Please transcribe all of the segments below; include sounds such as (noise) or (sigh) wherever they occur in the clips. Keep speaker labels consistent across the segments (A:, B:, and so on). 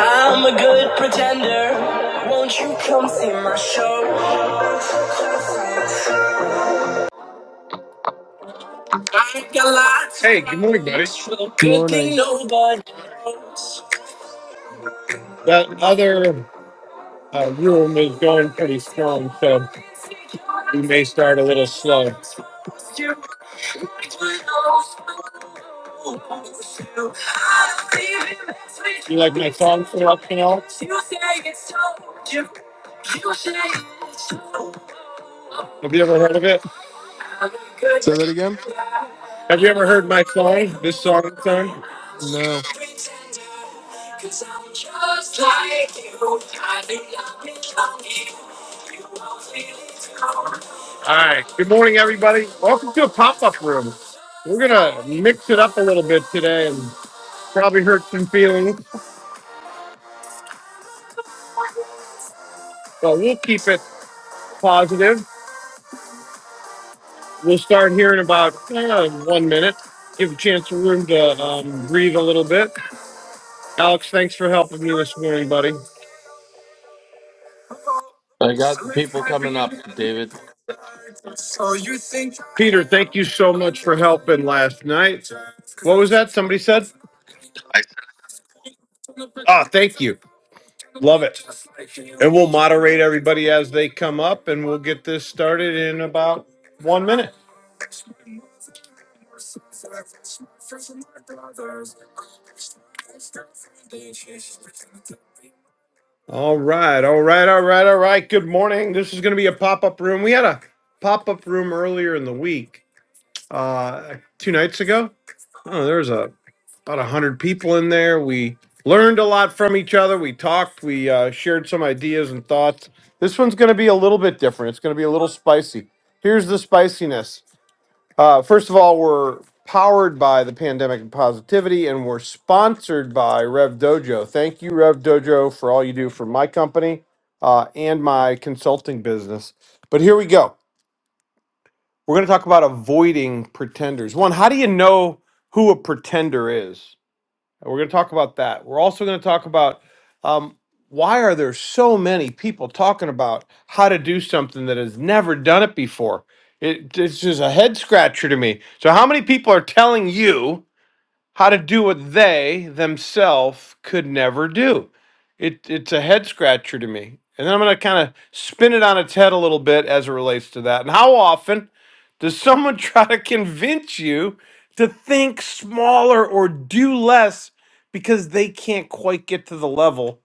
A: I'm a good pretender. Won't you come see my show? I got lots. Hey, good morning, buddy. Well, Good thing
B: Morning.
A: nobody. knows. That other uh, room is going pretty strong, so we may start a little slow. You like my song selection, Alex? Have you ever heard of it?
B: Say that again?
A: Have you ever heard my song? This song, I'm song?
B: No.
A: All right. Good morning, everybody. Welcome to a pop-up room. We're gonna mix it up a little bit today and Probably hurt some feelings, but we'll keep it positive. We'll start here in about uh, one minute. Give a chance of room to um, breathe a little bit. Alex, thanks for helping me this morning, buddy.
C: I got the people coming up, David.
A: Peter, thank you so much for helping last night. That somebody said, ah, thank you. Love it. And we'll moderate everybody as they come up and we'll get this started in about one minute. All right, all right, all right, all right. Good morning. This is going to be a pop up room. We had a pop up room earlier in the week uh, two nights ago. Oh, there was a, about a hundred people in there. We learned a lot from each other. We talked. We uh, shared some ideas and thoughts. This one's going to be a little bit different. It's going to be a little spicy. Here's the spiciness. Uh, first of all, we're powered by the pandemic and positivity, and we're sponsored by Rev Dojo. Thank you, Rev Dojo, for all you do for my company uh, and my consulting business. But here we go. We're going to talk about avoiding pretenders. One, how do you know who a pretender is? And We're going to talk about that. We're also going to talk about um, why are there so many people talking about how to do something that has never done it before. It, it's just a head scratcher to me. So, how many people are telling you? how to do what they themselves could never do. It, it's a head scratcher to me. And then I'm going to kind of spin it on its head a little bit as it relates to that. And how often does someone (laughs) try to convince you to think smaller or do less because they can't quite get to the level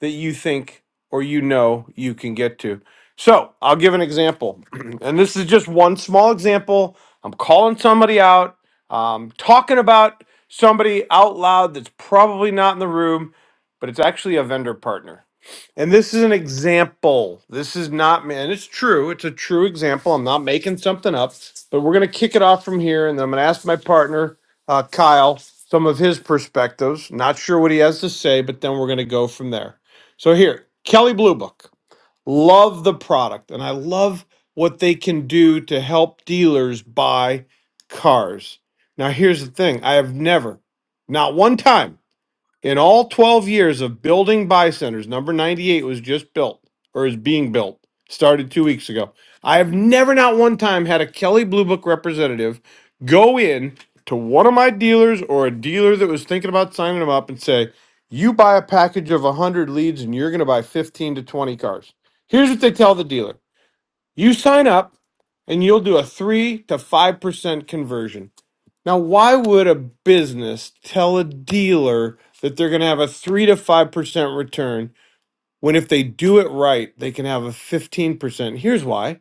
A: that you think or you know you can get to? So I'll give an example. (clears throat) and this is just one small example. I'm calling somebody out um, talking about somebody out loud that's probably not in the room, but it's actually a vendor partner. And this is an example. This is not, man, it's true. It's a true example. I'm not making something up, but we're going to kick it off from here. And then I'm going to ask my partner, uh, Kyle, some of his perspectives. Not sure what he has to say, but then we're going to go from there. So here, Kelly Blue Book love the product and I love what they can do to help dealers buy cars. Now, here's the thing I have never, not one time, in all 12 years of building buy centers, number 98 was just built or is being built, started two weeks ago. I have never, not one time, had a Kelly Blue Book representative go in to one of my dealers or a dealer that was thinking about signing them up and say, You buy a package of 100 leads and you're going to buy 15 to 20 cars. Here's what they tell the dealer you sign up and you'll do a 3 to 5% conversion. Now, why would a business tell a dealer that they're going to have a 3 to 5% return when if they do it right, they can have a 15%? Here's why.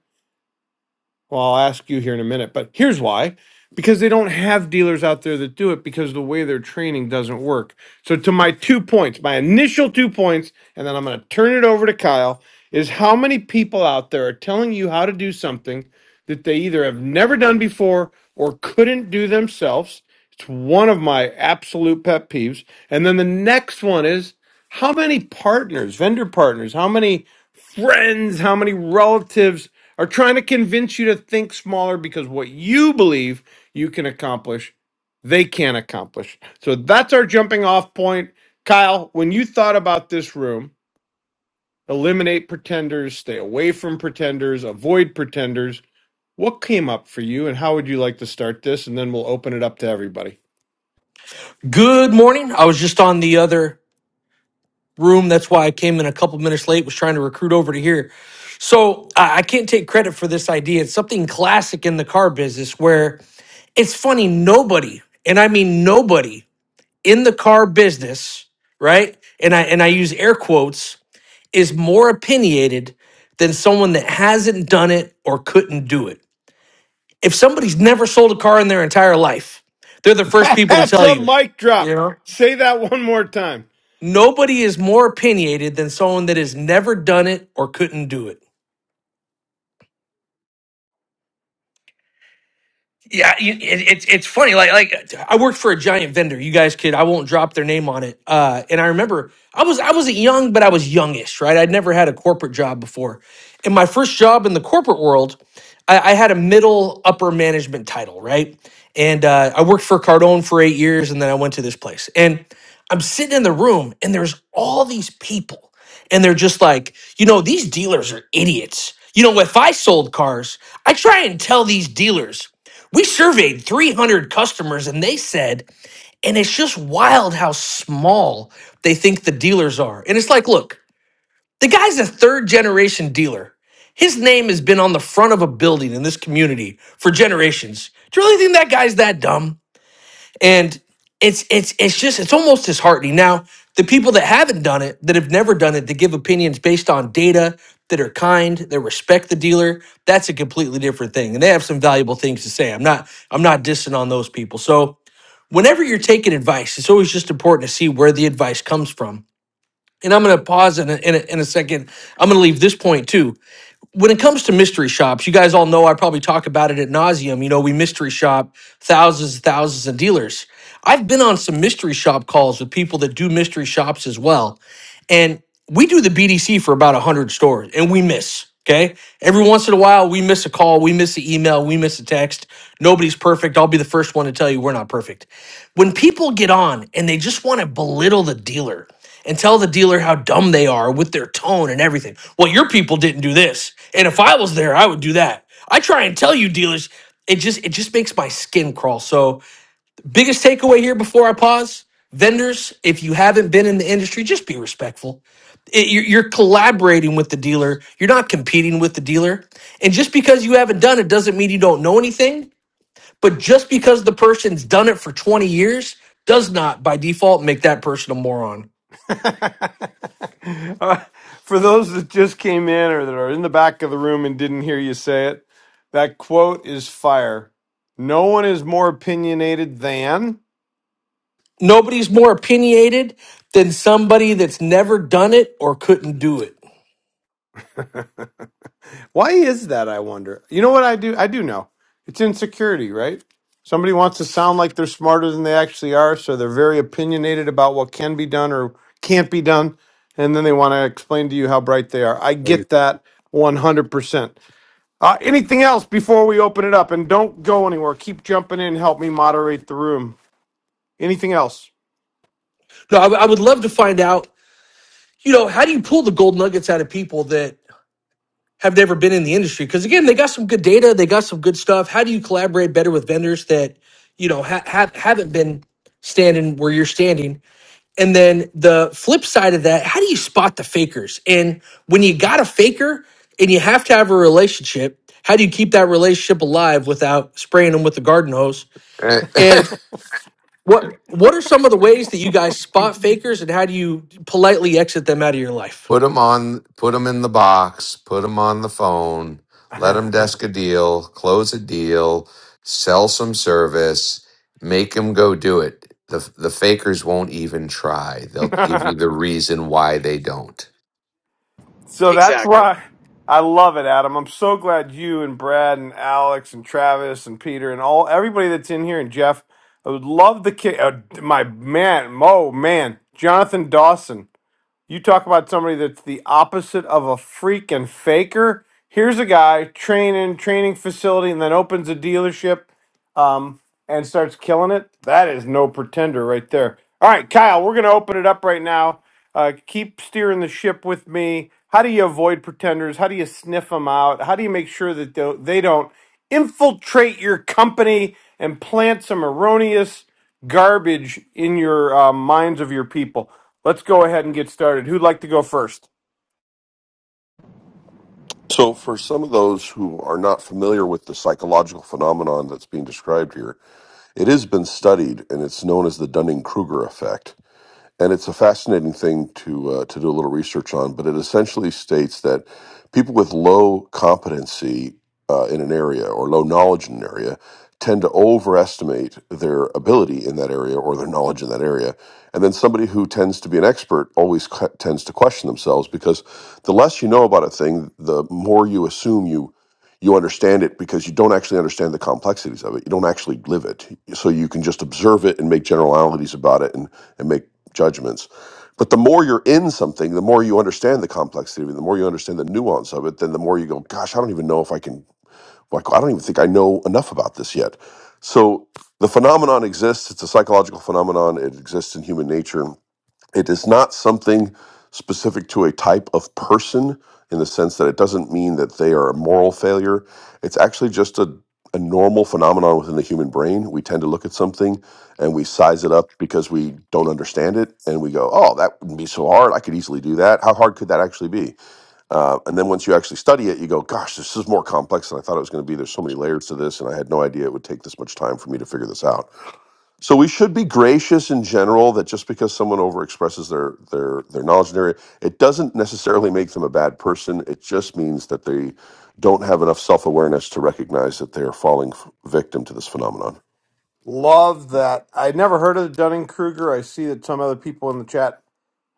A: Well, I'll ask you here in a minute, but here's why. Because they don't have dealers out there that do it because the way their training doesn't work. So, to my two points, my initial two points, and then I'm going to turn it over to Kyle, is how many people out there are telling you how to do something that they either have never done before or couldn't do themselves? It's one of my absolute pet peeves. And then the next one is how many partners, vendor partners, how many friends, how many relatives are trying to convince you to think smaller because what you believe you can accomplish, they can't accomplish. So that's our jumping off point. Kyle, when you thought about this room, eliminate pretenders, stay away from pretenders, avoid pretenders, what came up for you and how would you like to start this? And then we'll open it up to everybody.
D: Good morning. I was just on the other room. That's why I came in a couple minutes late, was trying to recruit over to here. So I I can't take credit for this idea. It's something classic in the car business where it's funny, nobody, and I mean nobody in the car business, right? And I and I use air quotes, is more opinionated than someone that hasn't done it or couldn't do it. If somebody's never sold a car in their entire life, they're the
A: (laughs)
D: first people to
A: that's
D: tell
A: a
D: you.
A: mic drop.
D: Yeah.
A: Say that one more time.
D: Nobody is more opinionated than someone that has never done it or couldn't do it. Yeah, you, it, it's it's funny. Like like I worked for a giant vendor. You guys could I won't drop their name on it. Uh, and I remember I was I wasn't young, but I was youngish, right? I'd never had a corporate job before. And my first job in the corporate world, I, I had a middle upper management title, right? And uh, I worked for Cardone for eight years, and then I went to this place. And I'm sitting in the room, and there's all these people, and they're just like, you know, these dealers are idiots. You know, if I sold cars, I try and tell these dealers. We surveyed 300 customers and they said, and it's just wild how small they think the dealers are. And it's like, look, the guy's a third generation dealer. His name has been on the front of a building in this community for generations. Do you really think that guy's that dumb? and it's it's it's just it's almost disheartening now the people that haven't done it that have never done it to give opinions based on data that are kind that respect the dealer that's a completely different thing and they have some valuable things to say i'm not i'm not dissing on those people so whenever you're taking advice it's always just important to see where the advice comes from and i'm going to pause in a, in a, in a second i'm going to leave this point too when it comes to mystery shops, you guys all know I probably talk about it at nauseum. You know, we mystery shop thousands and thousands of dealers. I've been on some mystery shop calls with people that do mystery shops as well. And we do the BDC for about 100 stores and we miss. Okay. Every once in a while, we miss a call, we miss an email, we miss a text. Nobody's perfect. I'll be the first one to tell you we're not perfect. When people get on and they just want to belittle the dealer and tell the dealer how dumb they are with their tone and everything, well, your people didn't do this. And if I was there, I would do that. I try and tell you dealers, it just it just makes my skin crawl. So Biggest takeaway here before I pause vendors, if you haven't been in the industry, just be respectful. It- you're, you're collaborating with the dealer, you're not competing with the dealer. And just because you haven't done it doesn't mean you don't know anything. But just because the person's done it for 20 years does not, by default, make that person a moron.
A: (laughs) Uh, For those that just came in or that are in the back of the room and didn't hear you say it, that quote is fire. No one is more opinionated than.
D: Nobody's more opinionated than somebody that's never done it or couldn't do it.
A: Why is that, I wonder? You know what I do? I do know. It's insecurity, right? Somebody wants to sound like they're smarter than they actually are, so they're very opinionated about what can be done or can't be done, and then they want to explain to you how bright they are. I
E: Are you?
A: get that 100%. Uh, anything else before we open it up? And don't go anywhere. Keep jumping in. Help me moderate the room. Anything else?
D: No, I I would love to find out, you know, how do you pull the gold nuggets out of people that? have never been in the industry because again they got some good data they got some good stuff how do you collaborate better with vendors that you know ha- ha- haven't been standing where you're standing and then the flip side of that how do you spot the fakers and when you got a faker and you have to have a relationship how do you keep that relationship alive without spraying them with the garden hose
F: Eh, (laughs)
D: and what what are some of the ways that you guys spot fakers and how do you politely exit them out of your life
F: put them on, put them in the box, put them on the phone,
A: (laughs)
F: let them desk a deal, close a deal, sell some service, make them go do it. The, the fakers won't even try. They'll give you the reason why they don't.
A: so that's
G: Exactly.
A: why I love it, Adam. I'm so glad you and Brad and Alex and Travis and Peter and all everybody that's in here and Jeff. I would love the kid. Uh, my man, oh man, Jonathan Dawson. You talk about somebody that's the opposite of a freak and faker. Here's a guy training, training facility, and then opens a dealership um, and starts killing it, that is no pretender right there. All right, Kyle, we're going to open it up right now. Uh, keep steering the ship with me. How do you avoid pretenders? How do you sniff them out? How do you make sure that tho- they don't infiltrate your company and plant some erroneous garbage in your uh, minds of your people? Let's go ahead and get started. Who'd like to go first?
H: So, for some of those who are not familiar with the psychological phenomenon that's being described here, it has been studied and it's known as the Dunning Kruger effect and it's a fascinating thing to uh, to do a little research on. But it essentially states that people with low competency uh, in an area or low knowledge in an area tend to overestimate their ability in that area or their knowledge in that area. And then somebody who tends to be an expert always cu- tends to question themselves because the less you know about a thing, the more you assume you you understand it because you don't actually understand the complexities of it. You don't actually live it. So you can just observe it and make generalities about it and, and make judgments. But the more you're in something, the more you understand the complexity of it, the more you understand the nuance of it, then the more you go, gosh, I don't even know if I can, like, I don't even think I know enough about this yet. So the phenomenon exists. It's a psychological phenomenon. It exists in human nature it is not something specific to a type of person in the sense that it doesn't mean that they are a moral failure. It's actually just a, a normal phenomenon within the human brain. We tend to look at something and we size it up because we don't understand it and we go, oh, that wouldn't be so hard. I could easily do that. How hard could that actually be? Uh, and then once you actually study it, you go, gosh, this is more complex than I thought it was going to be. There's so many layers to this, and I had no idea it would take this much time for me to figure this out so we should be gracious in general that just because someone overexpresses their their their knowledge in an area, it doesn't necessarily make them a bad person. It just means that they don't have enough self awareness to recognize that they are falling f- victim to this phenomenon.
A: Love that. I never heard of the Dunning Kruger. I see that some other people in the chat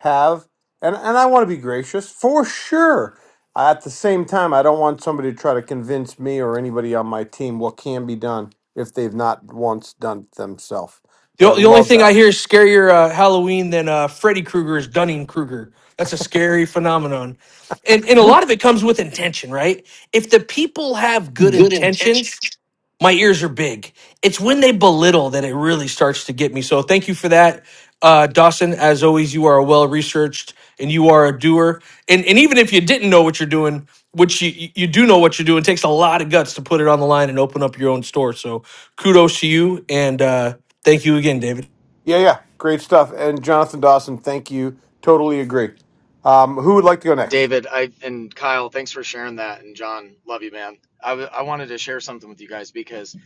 A: have, and and I want to be gracious for sure. At the same time, I don't want somebody to try to convince me or anybody on my team what can be done if they've not once done it themselves.
D: The,
A: But I
D: o- the only
A: love
D: thing I
A: that.
D: hear is scarier uh, Halloween than uh, Freddy Krueger's Dunning Krueger. That's a scary phenomenon. And, and a lot of it comes with intention, right? If the people have good
A: Good intention.
D: intentions, my ears are big. It's when they belittle that it really starts to get me. So thank you for that, uh, Dawson. As always, you are well researched and you are a doer. And and even if you didn't know what you're doing, which you you do know what you're doing, it takes a lot of guts to put it on the line and open up your own store. So kudos to you and uh, thank you again, David.
A: Yeah, yeah, great stuff. And Jonathan Dawson, thank you. Totally agree. Um, who would like to go next?
G: David, I and Kyle, thanks for sharing that. And John, love you, man. I, w- I wanted to share something with you guys because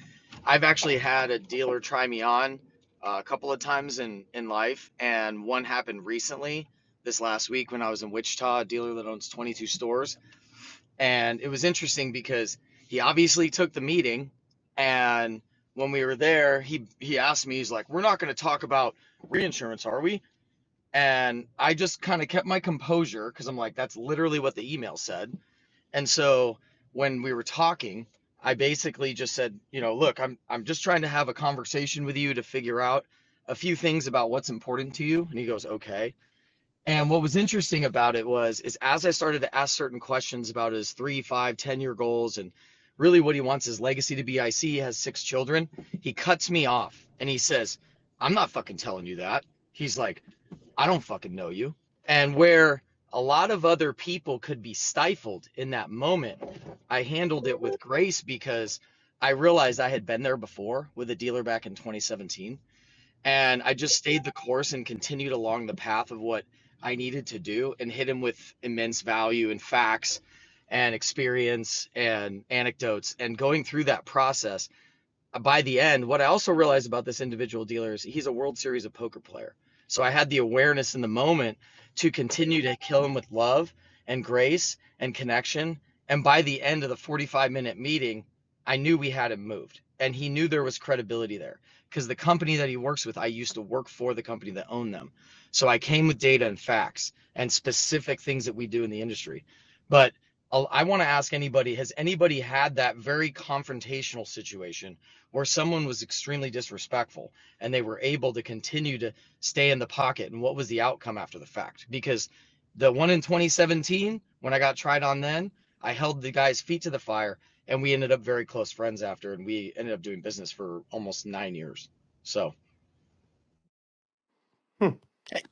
G: I've actually had a dealer try me on uh, a couple of times in, in life. And one happened recently this last week when I was in Wichita, a dealer that owns 22 stores. And it was interesting because he obviously took the meeting. And when we were there, he, he asked me, he's like, We're not going to talk about reinsurance, are we? and I just kind of kept my composure because I'm like, that's literally what the email said. And so when we were talking, I basically just said, you know, look, I'm I'm just trying to have a conversation with you to figure out a few things about what's important to you. And he goes, okay. And what was interesting about it was is as I started to ask certain questions about his three, five, ten year goals and really what he wants his legacy to be. I see he has six children. He cuts me off and he says, I'm not fucking telling you that. He's like, I don't fucking know you. And where a lot of other people could be stifled in that moment, I handled it with grace because I realized I had been there before with a dealer back in 2017. And I just stayed the course and continued along the path of what I needed to do and hit him with immense value and facts and experience and anecdotes. And going through that process, uh, by the end, what I also realized about this individual dealer is he's a World Series of poker player. So I had the awareness in the moment to continue to kill him with love and grace and connection. And by the end of the 45 minute meeting, I knew we had him moved. And he knew there was credibility there because the company that he works with, I used to work for the company that owned them. So I came with data and facts and specific things that we do in the industry. But I'll- I want to ask anybody has anybody had that very confrontational situation where someone was extremely disrespectful and they were able to continue to stay in the pocket. And what was the outcome after the fact? Because the one in 2017, when I got tried on then, I held the guy's feet to the fire and we ended up very close friends after and we ended up doing business for almost nine years. So.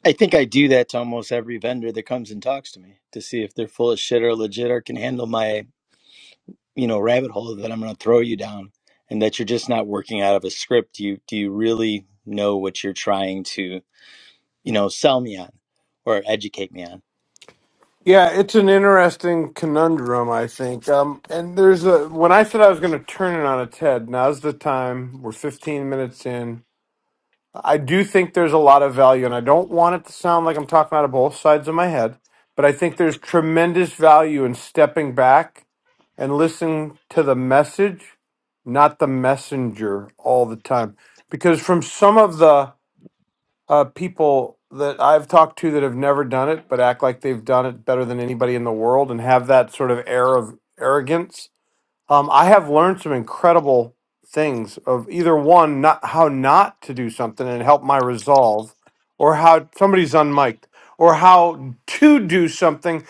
I: I think I do that to almost every vendor that comes and talks to me to see if they're full of shit or legit or can handle my, you know, rabbit hole that I'm going to throw you down and that you're just not working out of a script. Do you do you really know what you're trying to, you know, sell me on or educate me on?
A: Yeah, it's an interesting conundrum, I think. Um, and there's a when I said I was going to turn it on its head. Now's the time. We're 15 minutes in. I do think there's a lot of value, and I don't want it to sound like I'm talking out of both sides of my head, but I think there's tremendous value in stepping back and listening to the message, not the messenger, all the time. Because from some of the uh, people that I've talked to that have never done it, but act like they've done it better than anybody in the world and have that sort of air of arrogance. Um, I have learned some incredible things of either one, not how not to do something and help my resolve, or how somebody's unmiked, or how to do something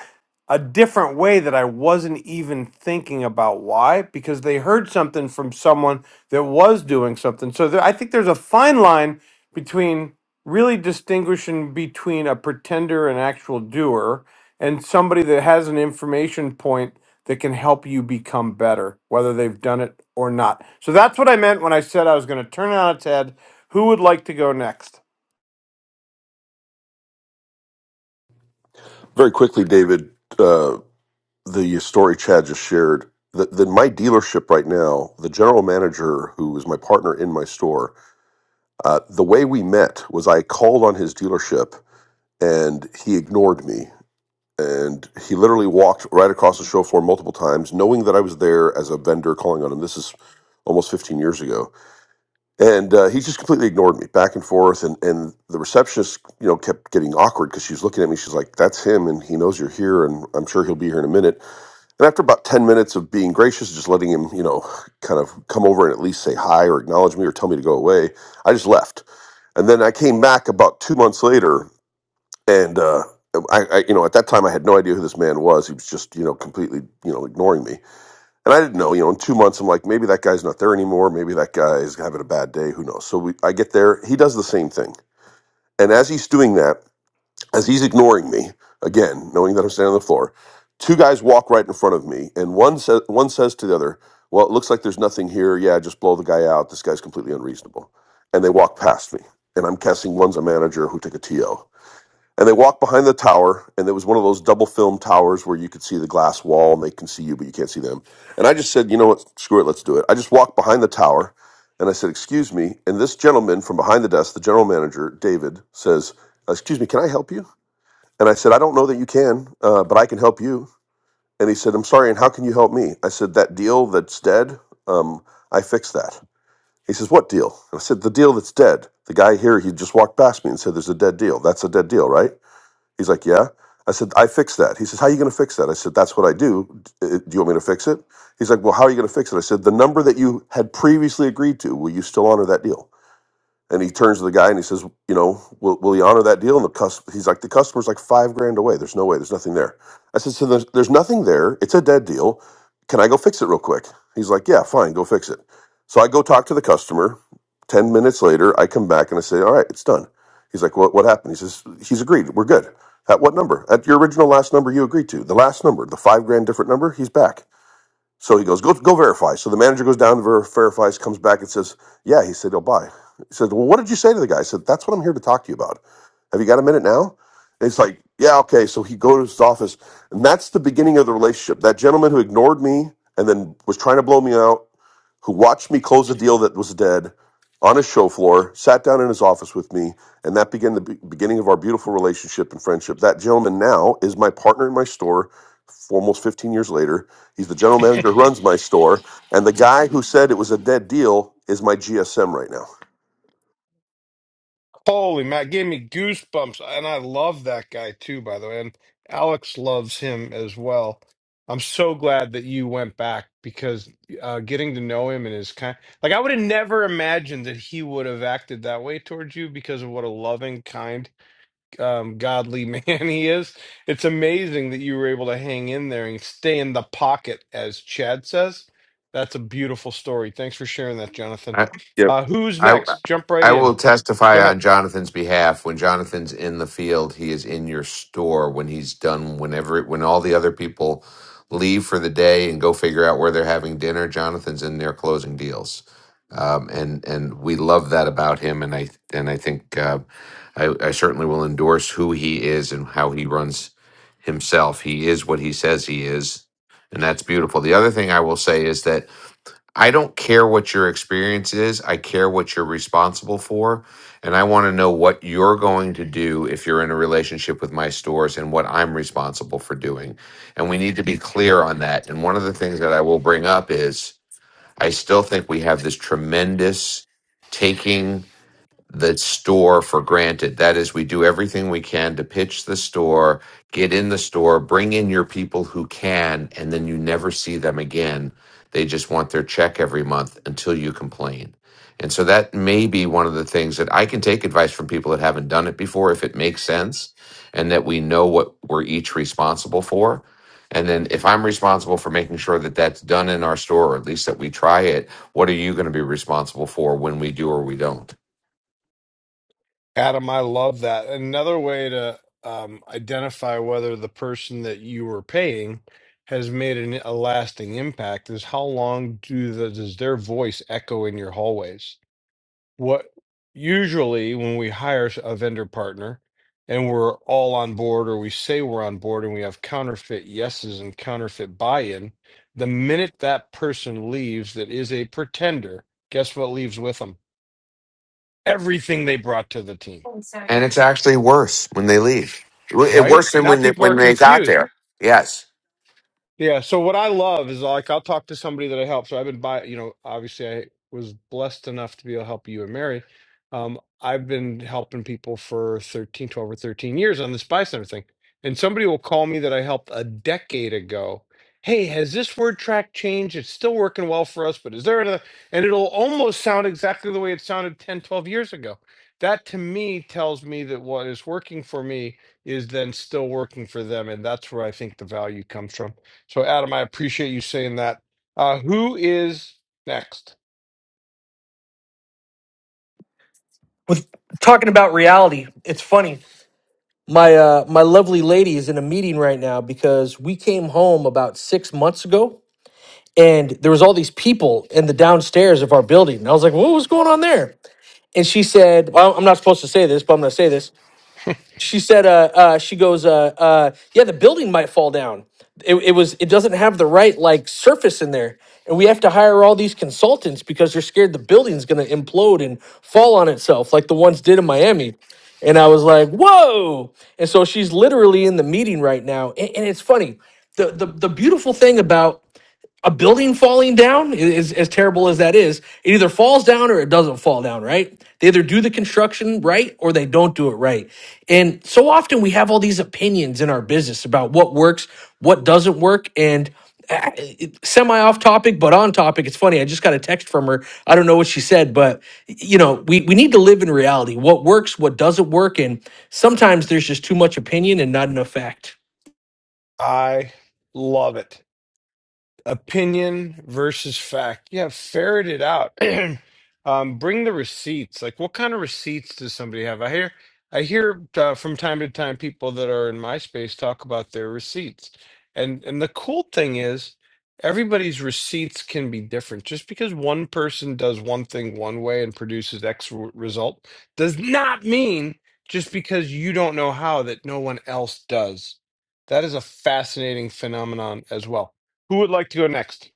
A: a different way that I wasn't even thinking about. Why? Because they heard something from someone that was doing something. So there, I think there's a fine line between really distinguishing between a pretender and actual doer and somebody that has an information point that can help you become better, whether they've done it or not. So that's what I meant when I said I was going to turn it on its head. Who would like to go next?
H: Very quickly, David, uh, the story Chad just shared. That that my dealership right now, the general manager who was my partner in my store, uh, the way we met was I called on his dealership and he ignored me. And he literally walked right across the show floor multiple times, knowing that I was there as a vendor calling on him. This is almost 15 years ago. And uh, he just completely ignored me back and forth. And, and the receptionist, you know, kept getting awkward because she was looking at me. She's like, that's him. And he knows you're here. And I'm sure he'll be here in a minute. And after about 10 minutes of being gracious, just letting him, you know, kind of come over and at least say hi or acknowledge me or tell me to go away, I just left. And then I came back about two months later and uh, I, I, you know, at that time I had no idea who this man was. He was just, you know, completely, you know, ignoring me, and I didn't know. You know, in two months, I'm like, maybe that guy's not there anymore. Maybe that guy is having a bad day. Who knows? So we, I get there. He does the same thing, and as he's doing that, as he's ignoring me again, knowing that I'm standing on the floor, two guys walk right in front of me, and one says, one says to the other, "Well, it looks like there's nothing here. Yeah, just blow the guy out. This guy's completely unreasonable," and they walk past me, and I'm guessing one's a manager who took a TO and they walked behind the tower, and there was one of those double film towers where you could see the glass wall and they can see you, but you can't see them. And I just said, you know what, screw it, let's do it. I just walked behind the tower and I said, excuse me. And this gentleman from behind the desk, the general manager, David, says, uh, excuse me, can I help you? And I said, I don't know that you can, uh, but I can help you. And he said, I'm sorry, and how can you help me? I said, that deal that's dead, um, I fixed that. He says, What deal? And I said, The deal that's dead. The guy here, he just walked past me and said, There's a dead deal. That's a dead deal, right? He's like, yeah. I said, I fixed that. He says, how are you going to fix that? I said, that's what I do. D- uh, Do you want me to fix it? He's like, well, how are you going to fix it? I said, the number that you had previously agreed to, will you still honor that deal? And he turns to the guy and he says, you know, will, will he honor that deal? And the cus- he's like, the customer's like five grand away. There's no way. There's nothing there. I said, so there's, there's nothing there. It's a dead deal. Can I go fix it real quick? He's like, yeah, fine, go fix it. So I go talk to the customer. Ten minutes later, I come back and I say, all right, it's done. He's like, what, what happened? He says, he's agreed. We're good. At what number? At your original last number you agreed to. The last number, the five grand different number, he's back. So he goes, go, go verify. So the manager goes down, ver- verifies, comes back and says, yeah, he said, he'll buy. He said, well, what did you say to the guy? I said, that's what I'm here to talk to you about. Have you got a minute now? And he's like, yeah, okay. So he goes to his office and that's the beginning of the relationship. That gentleman who ignored me and then was trying to blow me out who watched me close a deal that was dead on his show floor, sat down in his office with me, and that began the be- beginning of our beautiful relationship and friendship. That gentleman now is my partner in my store for almost 15 years later. He's the general manager who runs my store, and the guy who said it was a dead deal is my GSM right now.
A: Holy Matt gave me goosebumps, and I love that guy too, by the way. And Alex loves him as well. I'm so glad that you went back because uh, getting to know him and his kind, like I would have never imagined that he would have acted that way towards you because of what a loving, kind. um, godly (laughs) man he is. It's amazing that you were able to hang in there and stay in the pocket, as Chad says. That's a beautiful story. Thanks for sharing that, Jonathan.
F: I,
H: Yep.
A: Uh, who's
F: I,
A: next? Jump right
F: I
A: in.
F: will
A: Go
F: testify
A: ahead.
F: on Jonathan's behalf. When Jonathan's in the field, he is in your store. When he's done, whenever when all the other people leave for the day and go figure out where they're having dinner, Jonathan's in there closing deals. Um, and and we love that about him. And I and I think uh, I, I certainly will endorse who he is and how he runs himself. He is what he says he is, and that's beautiful. The other thing I will say is that I don't care what your experience is. I care what you're responsible for. And I want to know what you're going to do if you're in a relationship with my stores and what I'm responsible for doing. And we need to be clear on that. And one of the things that I will bring up is I still think we have this tremendous taking the store for granted. That is, we do everything we can to pitch the store, get in the store, bring in your people who can, and then you never see them again. They just want their check every month until you complain. And so that may be one of the things that I can take advice from people that haven't done it before if it makes sense and that we know what we're each responsible for. And then if I'm responsible for making sure that that's done in our store, or at least that we try it, what are you going to be responsible for when we do or we don't?
A: Adam, I love that. Another way to um, identify whether the person that you were paying has made an, a lasting impact is how long do the, does their voice echo in your hallways? what usually when we hire a vendor partner and we're all on board or we say we're on board and we have counterfeit yeses and counterfeit buy-in the minute that person leaves that is a pretender guess what leaves with them everything they brought to the team
F: and it's actually worse when they leave. It
A: right
F: worse than
A: now
F: when they,
A: people
F: when
A: are
F: they got
A: confused
F: there. Yes,
A: Yeah. So what I love is like I'll talk to somebody that I help. So I've been by, you know, obviously I was blessed enough to be able to help you and Mary. Um, I've been helping people for 13, 12, or 13 years on the Spy Center thing. And somebody will call me that I helped a decade ago. Hey, has this word track changed? It's still working well for us, but is there another? And it'll almost sound exactly the way it sounded 10, 12 years ago. That to me tells me that what is working for me is then still working for them. And that's where I think the value comes from. So, Adam, I appreciate you saying that. Uh, who is next?
D: With talking about reality, it's funny. My uh, my lovely lady is in a meeting right now because we came home about six months ago and there was all these people in the downstairs of our building. And I was like, "What was going on there?" And she said, "Well, I'm not supposed to say this, but I'm going to say this." She said, "Uh, uh she goes, uh, uh, yeah, the building might fall down. It, it was, it doesn't have the right like surface in there, and we have to hire all these consultants because they're scared the building's going to implode and fall on itself, like the ones did in Miami." And I was like, whoa. And so she's literally in the meeting right now. And, and it's funny. The, the the beautiful thing about a building falling down is as terrible as that is it either falls down or it doesn't fall down right they either do the construction right or they don't do it right and so often we have all these opinions in our business about what works what doesn't work and uh, semi off topic but on topic it's funny i just got a text from her i don't know what she said but you know we, we need to live in reality what works what doesn't work and sometimes there's just too much opinion and not enough fact
A: I love it. opinion versus fact. Yeah, ferret it out. (clears throat) um, bring the receipts. Like, what kind of receipts does somebody have? I hear, I hear uh, from time to time people that are in my space talk about their receipts, and and the cool thing is everybody's receipts can be different. Just because one person does one thing one way and produces X r- result does not mean just because you don't know how that no one else does. That is a fascinating phenomenon as well. Who would like to go next?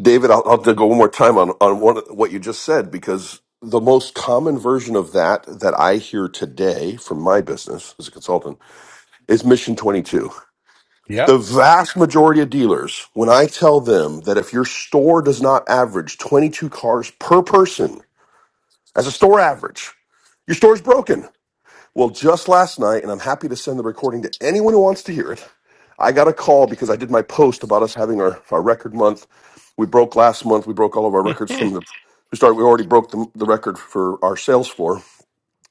H: David, I'll, I'll have to go one more time on, on one, what you just said because the most common version of that that I hear today from my business as a consultant is Mission 22 The
A: Yep.
H: vast majority of dealers, when I tell them that if your store does not average 22 cars per person as a store average, your store's broken. Well, just last night, and I'm happy to send the recording to anyone who wants to hear it, I got a call because I did my post about us having our, our record month. We broke last month. We broke all of our records
A: (laughs)
H: from the, we started, we already broke the, the record for our sales floor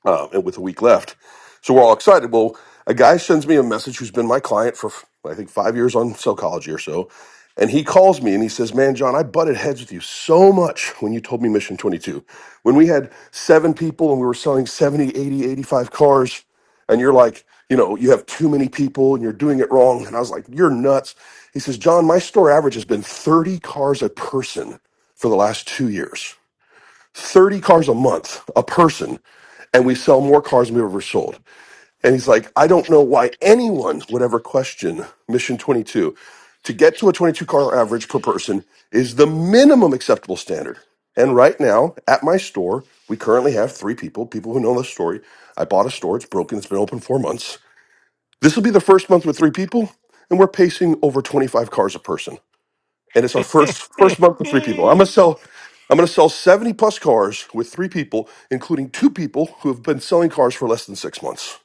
H: um, and with a week left. So we're all excited. Well, a guy sends me a message who's been my client for, I think, five years on psychology or so. And he calls me and he says, Man, John, I butted heads with you so much when you told me Mission 22. When we had seven people and we were selling 70, 80, eighty-five cars, and you're like, You know, you have too many people and you're doing it wrong. And I was like, You're nuts. He says, John, my store average has been 30 cars a person for the last two years. 30 cars a month, a person, and we sell more cars than we've ever sold. And he's like, I don't know why anyone would ever question Mission 22. To get to a 22 car average per person is the minimum acceptable standard. And right now at my store, we currently have three people, people who know the story. I bought a store, it's broken, it's been open four months. This will be the first month with three people, and we're pacing over 25 cars a person and it's our first first month with three people. I'm gonna sell I'm gonna sell 70 plus cars with three people, including two people who have been selling cars for less than six months.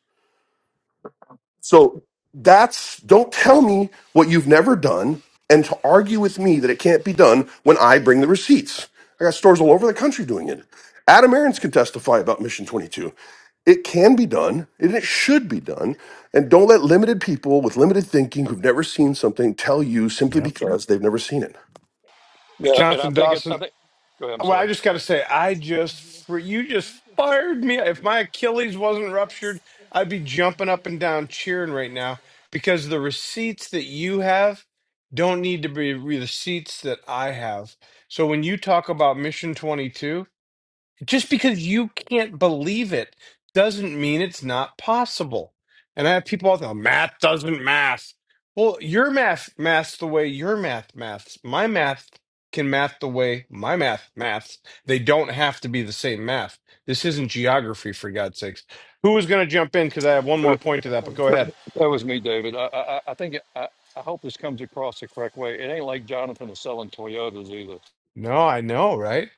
H: So that's don't tell me what you've never done and to argue with me that it can't be done when I bring the receipts. I got stores all over the country doing it. Adam Aarons can testify about Mission 22. It can be done and it should be done. And don't let limited people with limited thinking who've never seen something tell you simply
A: Yep.
H: because they've never seen it.
J: Yeah, and I
A: Jonathan
J: think it's.
A: Dawson.
J: I think. Go ahead. I'm
A: Well, I
J: sorry.
A: just got to say, I just you just fired me. If my Achilles wasn't ruptured, I'd be jumping up and down cheering right now because the receipts that you have don't need to be receipts that I have. So when you talk about Mission 22. just because you can't believe it doesn't mean it's not possible. And I have people out there, math doesn't math. Well, your math maths the way your math maths. My math can math the way my math maths. They don't have to be the same math. This isn't geography, for God's sakes. Who was going to jump in? Because I have one
J: Uh,
A: more point to that, but go ahead.
J: That was me, David. I I, I I think it, I I hope this comes across the correct way. It ain't like Jonathan is selling Toyotas either.
A: No, I know, right,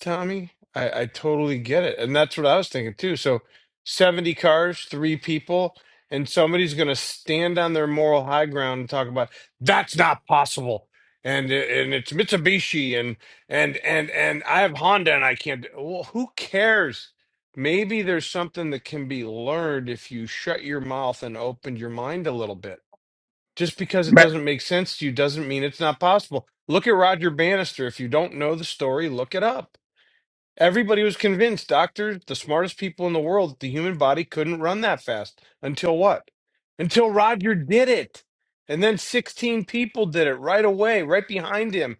A: Tommy? I, I totally get it. And that's what I was thinking too. So 70 cars, three people, and somebody's going to stand on their moral high ground and talk about that's not possible. And and it's Mitsubishi and and and and I have Honda and I can't. Well, who cares? Maybe there's something that can be learned if you shut your mouth and opened your mind a little bit. Just because it
K: Ma-
A: doesn't make sense to you doesn't mean it's not possible. Look at Roger Bannister. If you don't know the story, look it up. Everybody was convinced, doctors, the smartest people in the world, that the human body couldn't run that fast. Until what? Until Roger did it. And then 16 people did it right away, right behind him.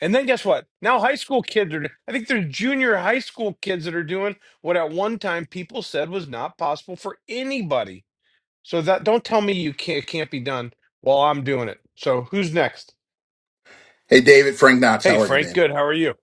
A: And then guess what? Now high school kids are, I think there's junior high school kids that are doing what at one time people said was not possible for anybody. So that don't tell me you can't it can't be done while I'm doing it. So who's next?
K: Hey, David, Frank Knox,
A: Hey
K: how are you,
A: Frank,
K: man?
A: good. How are you?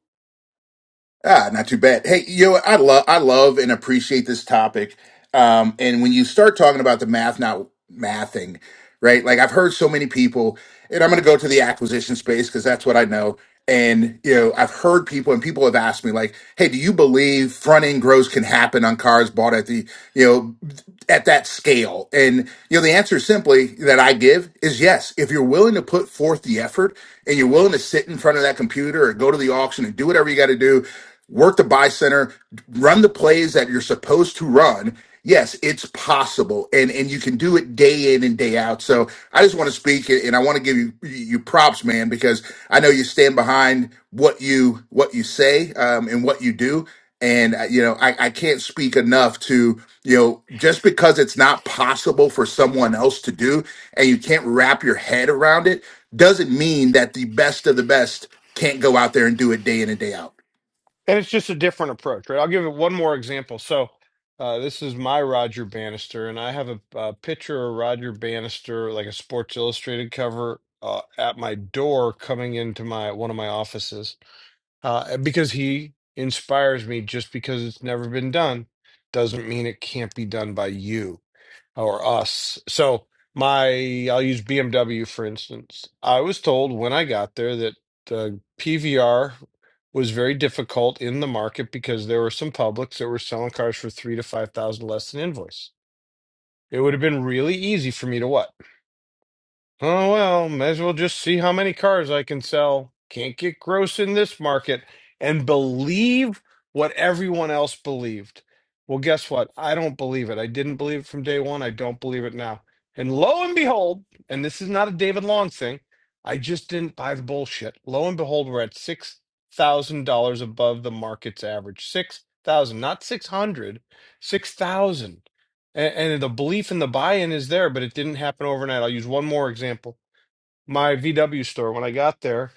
K: Ah, not too bad. Hey, you know, what? I love, I love and appreciate this topic. Um, and when you start talking about the math, not mathing, right? Like I've heard so many people, and I'm going to go to the acquisition space because that's what I know. And you know, I've heard people, and people have asked me, like, "Hey, do you believe front end growth can happen on cars bought at the, you know?" at that scale? And you know, the answer simply that I give is yes. If you're willing to put forth the effort and you're willing to sit in front of that computer or go to the auction and do whatever you got to do, work the buy center, run the plays that you're supposed to run. Yes, it's possible, and and you can do it day in and day out. So I just want to speak, and I want to give you you props, man, because I know you stand behind what you what you say um, and what you do. And uh, you know, I, I can't speak enough to you know just because it's not possible for someone else to do, and you can't wrap your head around it, doesn't mean that the best of the best can't go out there and do it day in and day out.
A: And it's just a different approach, right? I'll give it one more example. So uh, this is my Roger Bannister, and I have a, a picture of Roger Bannister, like a Sports Illustrated cover, uh, at my door coming into my one of my offices uh, because he inspires me. Just because it's never been done doesn't mean it can't be done by you or us. So my, I'll use BMW for instance. I was told when I got there that the PVR was very difficult in the market because there were some publics that were selling cars for three to five thousand less than invoice. It would have been really easy for me to what? Oh, well, may as well just see how many cars I can sell. Can't get gross in this market and believe what everyone else believed. Well, guess what? I don't believe it. I didn't believe it from day one. I don't believe it now. And lo and behold, and this is not a David Long thing, I just didn't buy the bullshit. Lo and behold, we're at $6,000 above the market's average. 6,000, not 600, 6,000. And, and the belief in the buy-in is there, but it didn't happen overnight. I'll use one more example. My VW store, when I got there,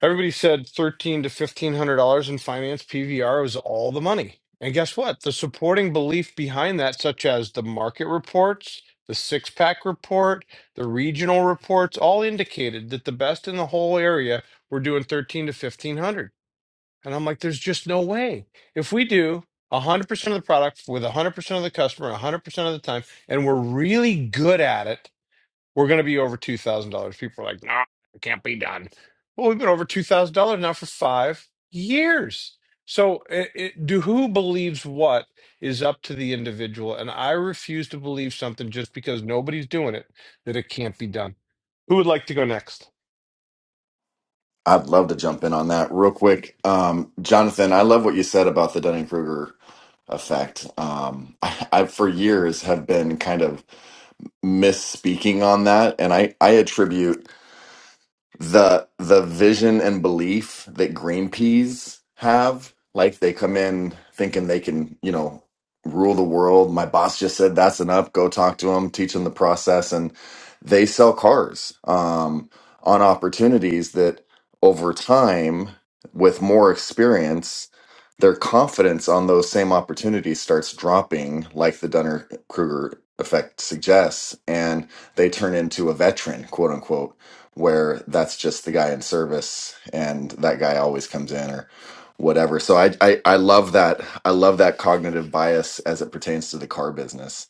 A: everybody said thirteen to fifteen hundred dollars in finance PVR was all the money. And guess what? The supporting belief behind that, such as the market reports, the six pack report, the regional reports, all indicated that the best in the whole area were doing thirteen to fifteen hundred. And I'm like, there's just no way. If we do 100% of the product with 100% of the customer 100% of the time, and we're really good at it, we're going to be over $2,000. People are like, no, come on. Well, we've been over $2,000 now for five years. So it, it, do who believes what is up to the individual. And I refuse to believe something just because nobody's doing it, that it can't be done. Who would like to go next?
L: I'd love to jump in on that real quick. Um, Jonathan, I love what you said about the Dunning-Kruger effect. Um, (laughs) I, I, for years, have been kind of misspeaking on that, and I, I attribute the the vision and belief that green peas have like they come in thinking they can you know rule the world my boss just said that's enough go talk to them teach them the process and they sell cars um, on opportunities that over time with more experience their confidence on those same opportunities starts dropping like the dunner kruger effect suggests and they turn into a veteran quote unquote where that's just the guy in service and that guy always comes in or whatever. So I, I, I love that. I love that cognitive bias as it pertains to the car business.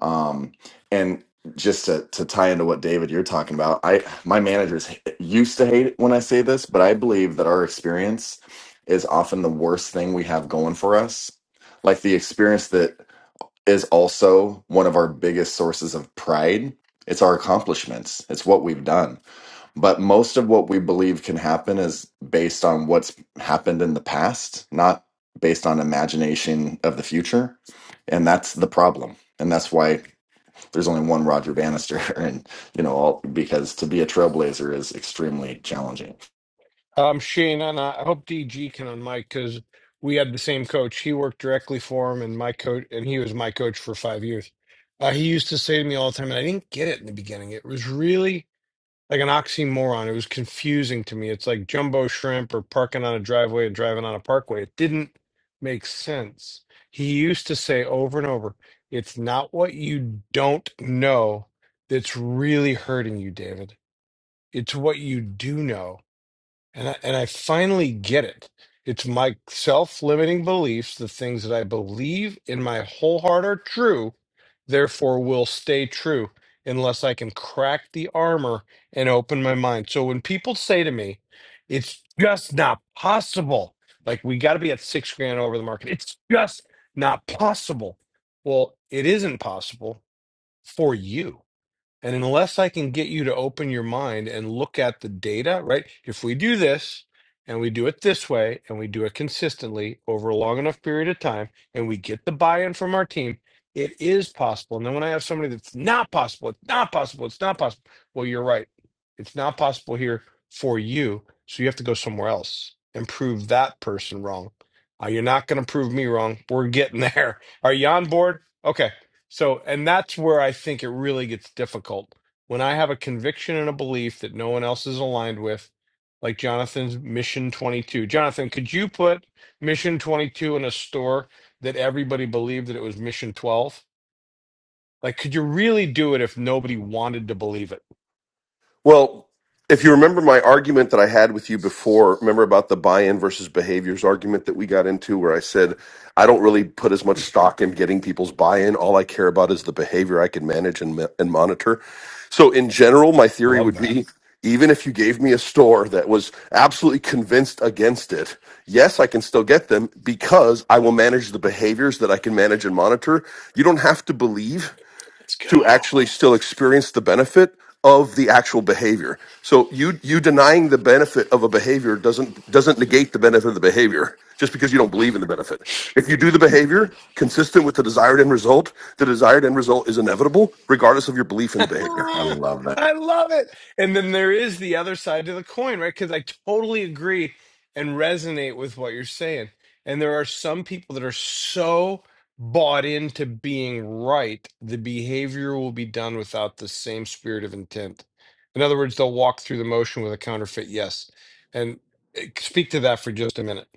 L: Um, and just to, to tie into what David you're talking about, I, my managers h- used to hate it when I say this, but I believe that our experience is often the worst thing we have going for us. Like the experience that is also one of our biggest sources of pride. It's our accomplishments. It's what we've done but most of what we believe can happen is based on what's happened in the past not based on imagination of the future and that's the problem and that's why there's only one roger bannister (laughs) and you know all because to be a trailblazer is extremely challenging
A: Um, Shane, and I I hope DG can on because we had the same coach. He worked directly for him, and my coach, and he was my coach for five years. Uh, he used to say to me all the time, and I didn't get it in the beginning. It was really like an oxymoron. It was confusing to me. It's like jumbo shrimp or parking on a driveway and driving on a parkway. It didn't make sense. He used to say over and over, "It's not what you don't know that's really hurting you, David. It's what you do know." And I, and I finally get it. It's my self-limiting beliefs, the things that I believe in my whole heart are true, therefore will stay true unless I can crack the armor and open my mind. So when people say to me, it's just not possible. Like we got to be at 6 grand over the market. It's just not possible. Well, it isn't possible for you and unless I can get you to open your mind and look at the data, right? If we do this and we do it this way and we do it consistently over a long enough period of time and we get the buy in from our team, it is possible. And then when I have somebody that's not possible, it's not possible, it's not possible. Well, you're right. It's not possible here for you. So you have to go somewhere else and prove that person wrong. Uh, you're not going to prove me wrong. We're getting (laughs) there. Are you on board? Okay. So, and that's where I think it really gets difficult. When I have a conviction and a belief that no one else is aligned with, like Jonathan's Mission 22. Jonathan, could you put Mission 22 in a store that everybody believed that it was Mission 12? Like, could you really do it if nobody wanted to believe it?
H: Well, if you remember my argument that I had with you before, remember about the buy-in versus behaviors argument that we got into where I said I don't really put as much stock in getting people's buy-in. All I care about is the behavior I can manage and ma- and monitor. So in general, my theory
A: Love
H: would
A: that.
H: be even if you gave me a store that was absolutely convinced against it, yes, I can still get them because I will manage the behaviors that I can manage and monitor. You don't have to believe
A: Let's
H: to
A: go.
H: actually still experience the benefit of the actual behavior. So you you denying the benefit of a behavior doesn't doesn't negate the benefit of the behavior just because you don't believe in the benefit. If you do the behavior consistent with the desired end result, the desired end result is inevitable regardless of your belief in the
A: (laughs)
H: behavior.
L: i
A: Ah,
L: love that
A: I love it. And then there is the other side to the coin, right? Because I totally agree and resonate with what you're saying. And there are some people that are so bought into being right, the behavior will be done without the same spirit of intent. In other words, they'll walk through the motion with a counterfeit yes. And eh, speak to that for just a minute,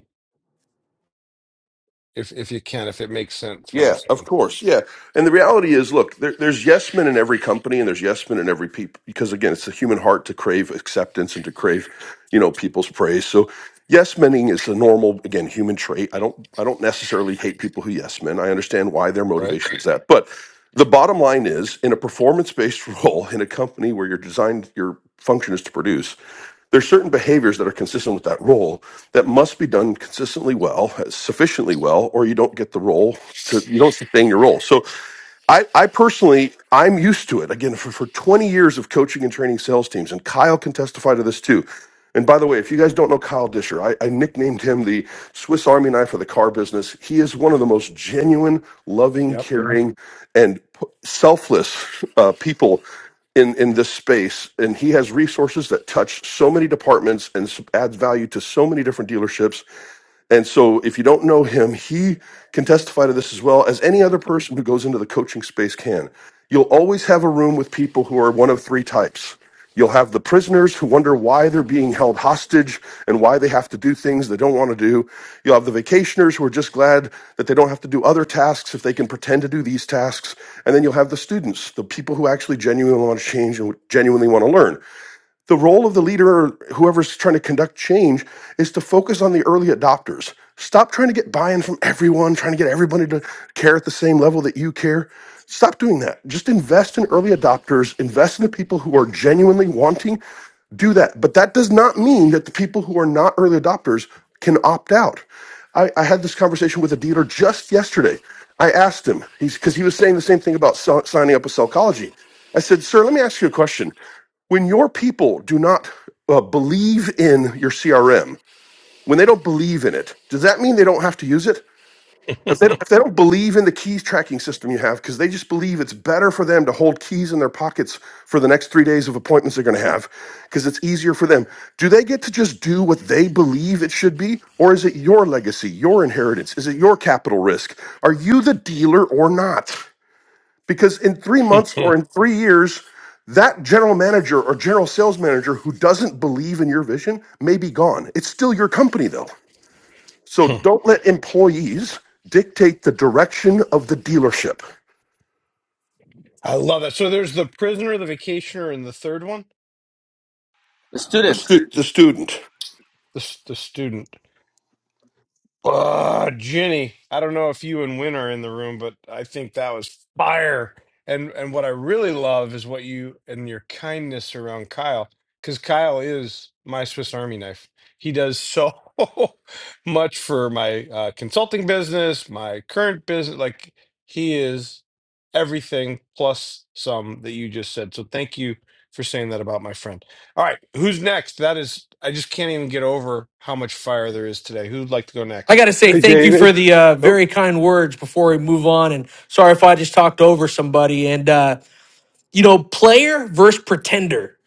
A: if if you can, if it makes sense what I'm
H: Yeah, of
A: saying,
H: course. Yeah. And the reality is, look, there, there's yes men in every company and there's yes men in every people because again, it's the human heart to crave acceptance and to crave, you know, people's praise. So yes mening is a normal, again, human trait. I don't I don't necessarily hate people who yes men. I understand why their motivation is that. but. The bottom line is in a performance based (laughs) role in a company where your design, your function is to produce, there's certain behaviors that are consistent with that role that must be done consistently well, sufficiently well, or you don't get the role to, you don't sustain your role. So I, I personally, I'm used to it. Again, for, for 20 years of coaching and training sales teams, and Kyle can testify to this too. And by the way, if you guys don't know Kyle Disher, I, I nicknamed him the Swiss Army knife of the car business. He is one of the most genuine, loving, caring, and p- selfless uh, people in, in this space. And he has resources that touch so many departments and s- adds value to so many different dealerships. And so, if you don't know him, he can testify to this as well as any other person who goes into the coaching space can. You'll always have a room with people who are one of three types. You'll have the prisoners who wonder why they're being held hostage and why they have to do things they don't want to do. You'll have the vacationers who are just glad that they don't have to do other tasks if they can pretend to do these tasks. And then you'll have the students, the people who actually genuinely want to change and genuinely want to learn the role of the leader or whoever's trying to conduct change is to focus on the early adopters. Stop trying to get buy-in from everyone, trying to get everybody to care at the same level that you care. Stop doing that. Just invest in early adopters, invest in the people who are genuinely wanting do that. But that does not mean that the people who are not early adopters can opt out. I, I had this conversation with a dealer just yesterday. I asked him, he's because he was saying the same thing about so- signing up with Cellcology. I said, Sir, let me ask you a question when your people do not uh, believe in your CRM, when they don't believe in it, does that mean they don't have to use it? If they don't, if they don't believe in the keys tracking system you have, because they just believe it's better for them to hold keys in their pockets for the next three days of appointments they're going to have, because it's easier for them, do they get to just do what they believe it should be? Or is it your legacy, your inheritance? Is it your capital risk? Are you the dealer or not? Because in three months or
A: right?
H: in three years, that general manager or general sales manager who doesn't believe in your vision may be gone. It's still your company, though.
A: (laughs)
H: So don't let employees dictate the direction of the dealership.
A: I love it. So there's the prisoner, the vacationer, and the third one.
M: The
H: The,
M: student,
H: stu- the student.
A: the s- the student. Uh, Jenny, I don't know if you and Win are in the room, but I think that was fire. And and what I really love is what you and your kindness around Kyle, because Kyle is my Swiss Army knife. He does so (laughs) much for my uh, consulting business, my current business. Like he is everything plus some that you just said. So thank you for saying that about my friend. All right, who's next? That is, I just can't even get over how much fire there is today. Who'd like to go
D: I got
A: next?
D: to say
N: Hey,
D: thank you for
N: David.
D: the uh,
N: Oh,
D: very kind words before we move on. And sorry if I just talked over somebody. And, uh, you know, player versus pretender.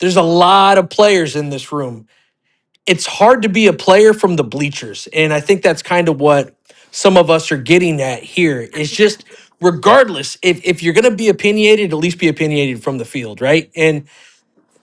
D: There's a lot of players in this room. It's hard to be a player from the bleachers. And I think that's kind of what some of us are getting at here. It's just, regardless, if, if you're going to be opinionated, at least be opinionated from the field, right? And